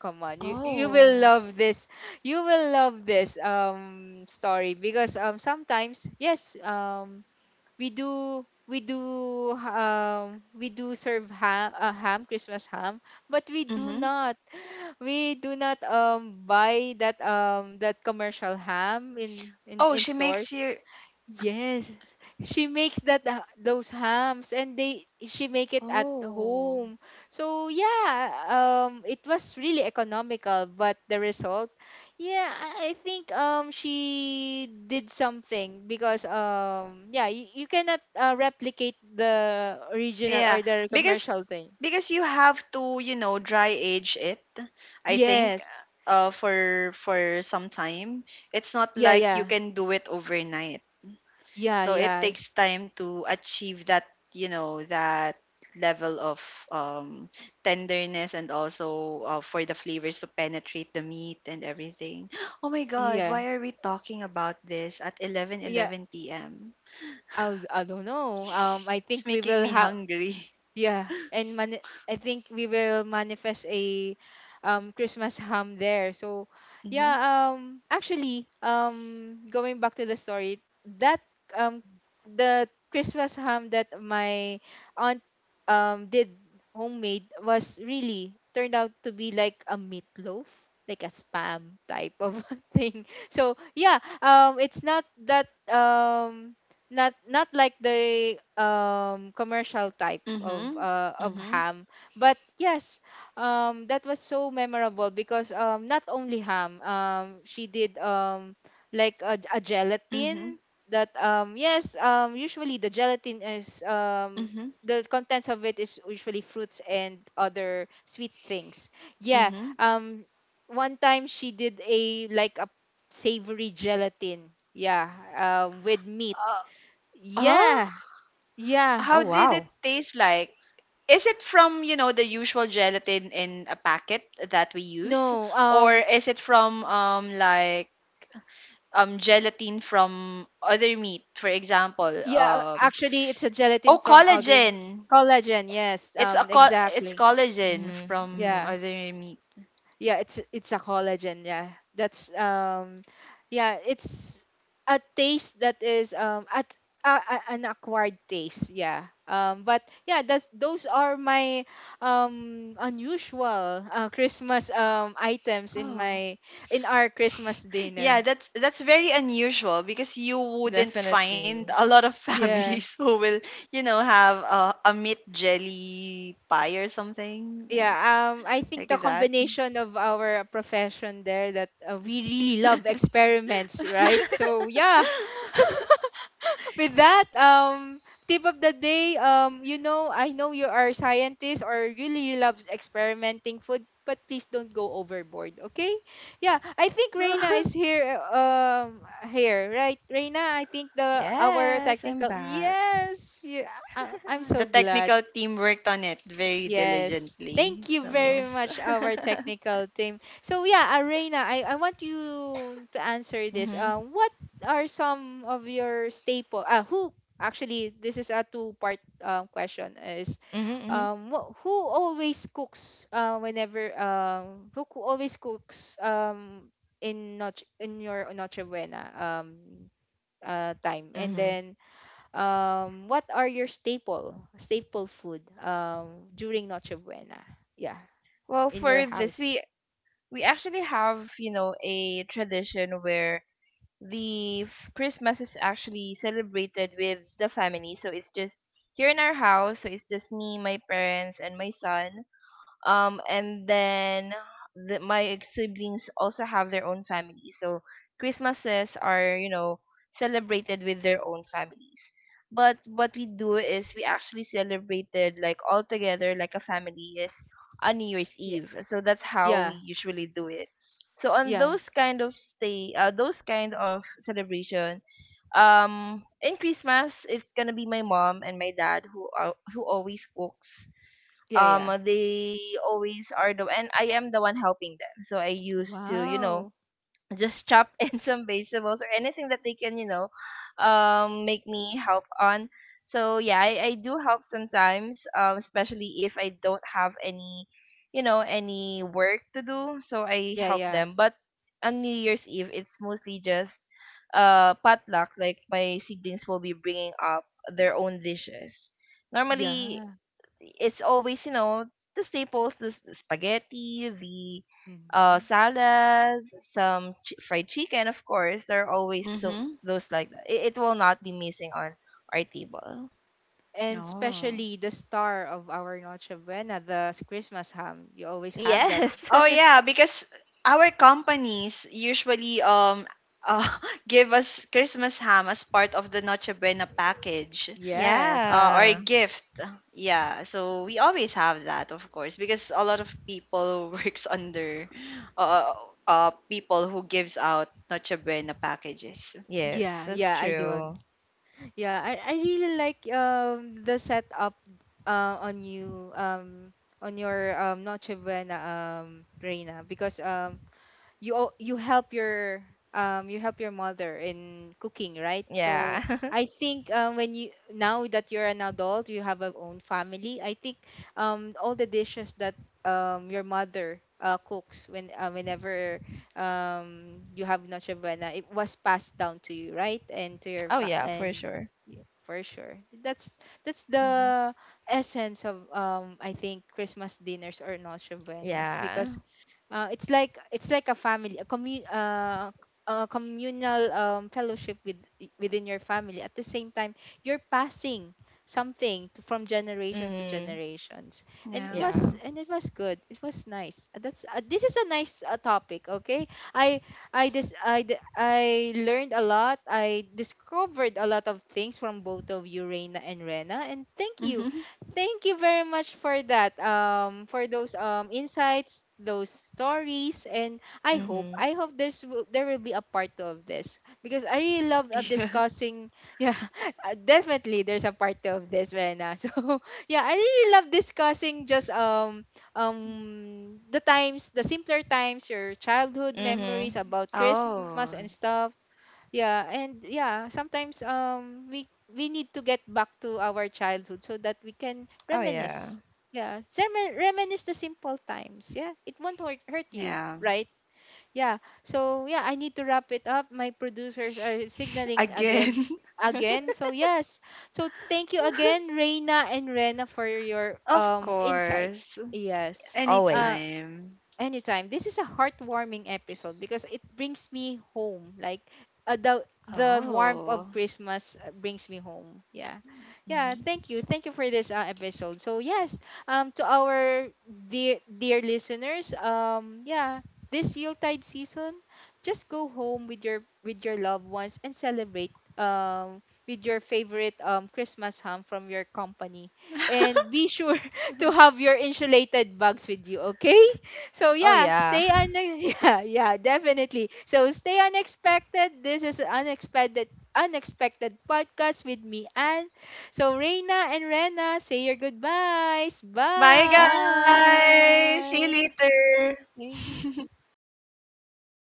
Come on, you will Oh. love this. You will love this story, because sometimes yes, we do we do we do serve ham, Christmas ham, but we do Mhm. not, we do not buy that that commercial ham Oh, in she makes stores. your. Yes, she makes that those hams, and they she make it at Oh. home. So yeah, it was really economical, but the result, yeah, I think she did something, because yeah, you cannot replicate the original Yeah, or the because commercial thing. because you have to, you know, dry age it, I think, Yes, for some time. It's yeah, not like yeah, you can do it overnight. yeah, So it yeah, takes time to achieve that, you know, that level of um tenderness, and also for the flavors to penetrate the meat and everything. Oh my yeah, God, why are we talking about this at yeah. 11:11 p.m.? I don't know. I It's think we making will me have. hungry. Yeah, and I think we will manifest a Christmas ham there. So yeah, actually, going back to the story, that um the Christmas ham that my aunt did homemade was really turned out to be like a meatloaf, like a spam type of thing. So yeah, it's not that not, not like the commercial type Mhm. Of Mhm. ham, but yes, that was so memorable, because not only ham, she did like a gelatin Mhm. that yes, usually the gelatin is Mhm. the contents of it is usually fruits and other sweet things. Yeah. Mhm. um One time she did a, like a savory gelatin, yeah, with meat, Uh. Oh, yeah, yeah. Oh how did it wow. taste like? Is it from, you know, the usual gelatin in a packet that we use? No, Or is it from like gelatin from other meat, for example, yeah, actually, it's a gelatin oh, from other. collagen. Collagen. Yes, It's a col it's exactly. collagen Mhm. from Mhm. Yeah, other meat. yeah. It's a collagen. Yeah, that's yeah. It's a taste that is an acquired taste. Yeah. But yeah, that's those are my unusual Christmas items in Oh. my in our Christmas Yeah, dinner. That's very unusual because you wouldn't find a Definitely. lot of Yeah. families who will, you know, have a meat jelly pie or something Yeah, I think the like that. combination of our profession there, that we really love experiments, right? So yeah. With that tip of the day, you know, I know you are scientists or really loves experimenting food, but please don't go overboard, okay? Yeah, I think Reina is here, right, Reina? I think the, our Yes, I'm technical, back. yes, yeah, I, I'm so The glad. technical team worked on it very Yes. Thank diligently. you very Yes. So, much, our technical team. So yeah, Arena, I want you to answer this. Mhm. What are some of your staple? Who actually? This is a two-part question. Is Mhm. Mhm. Who always cooks? Whenever always cooks in, not in your Noche Buena time, and Mhm. then what are your staple staple food during Noche Buena? Yeah, Well, in your for this house. We actually have, you know, a tradition where the Christmas is actually celebrated with the family. So it's just here in our house, so it's just me, my parents and my son. Um, and then my siblings also have their own families, so christmases are, you know, celebrated with their own families, but what we do is we actually celebrated like all together like a family is on new year's Yeah, eve. So that's how we yeah, usually do it. So on yeah, those kind of stay those kind of celebration in christmas, it's gonna be my mom and my dad who always cooks. yeah, yeah. They always are the And I am the one helping them. So I used to, you know, Wow. just chop in some vegetables or anything that they can, you know, make me help on. So yeah, I do help sometimes, especially if I don't have any, you know, any work to do. So I Yeah, help yeah, them. But on New Year's Eve, it's mostly just potluck. Like my siblings will be bringing up their own dishes. Normally yeah. it's always you know the staples, the spaghetti, the Hmm. salad, some fried chicken. Of course, there are always so mhm. those like that. It will not be missing on our table. And Oh. especially the star of our Noche Buena, the Christmas ham. You always have that. Yes. Oh yeah, because our companies usually uh, give us Christmas ham as part of the Noche Buena package. Yes. Or a Yeah. gift. Yeah, so we always have that, of course, because a lot of people works under uh, people who gives out Noche Buena packages. Yes, Yeah, that's yeah, I do. Hmm. true. Yeah, I really like the setup on you, on your Noche Buena, Reina, because you al- you help your you help your mother in cooking, right? So Yeah. I think when you, now that you're an adult, you have a own family, I think all the dishes that your mother cooks when whenever you have Noche Buena, it was passed down to you, right, and to your Oh yeah, for and sure. yeah, for sure. that's that's Hmm. the essence of, I think, Christmas dinners or Noche Buenas, Yeah. because it's like, it's like a family, a communal fellowship within your family. At the same time, you're passing something to, from generations to Mm. generations, and Yeah. Yeah. It was good. It was nice. That's this is a nice topic. Okay, I learned a lot. I discovered a lot of things from both of you, Reina and Rena, and thank you. Hmm. Thank you very much for that. For those insights, those stories. And I hope Mhm. I hope there's there will be a part two of this, because I really love Yeah. discussing. Yeah, definitely there's a part two of this, Rena. So yeah, I really love discussing just the times, the simpler times, your childhood memories Mhm. about Christmas and Oh, stuff. Yeah, and yeah, sometimes we need to get back to our childhood so that we can Oh yeah. reminisce. Yeah, reminisce the simple times. Yeah, it won't hurt you, yeah. right? Yeah. So yeah, I need to wrap it up. My producers are signaling Again. again, Yes. again. So yes. So thank you again, Reina and Rena, for your Of insights. course. Yes. Always. Uh, Anytime. Anytime. This is a heartwarming episode because it brings me home. Like the warmth of Oh. Christmas brings me home. Yeah. Yeah, Mhm. thank you. Thank you for this episode. So yes, to our dear dear listeners, yeah, this Yuletide season, just go home with your loved ones, and celebrate with your favorite Christmas ham from your company. And be sure to have your insulated bags with you, okay? So Oh yeah, yeah. stay un yeah, yeah, definitely. So stay unexpected. This is unexpected, podcast with me, and so Reina and Rena, say your goodbyes. Bye, Bye. guys. Bye. See you later.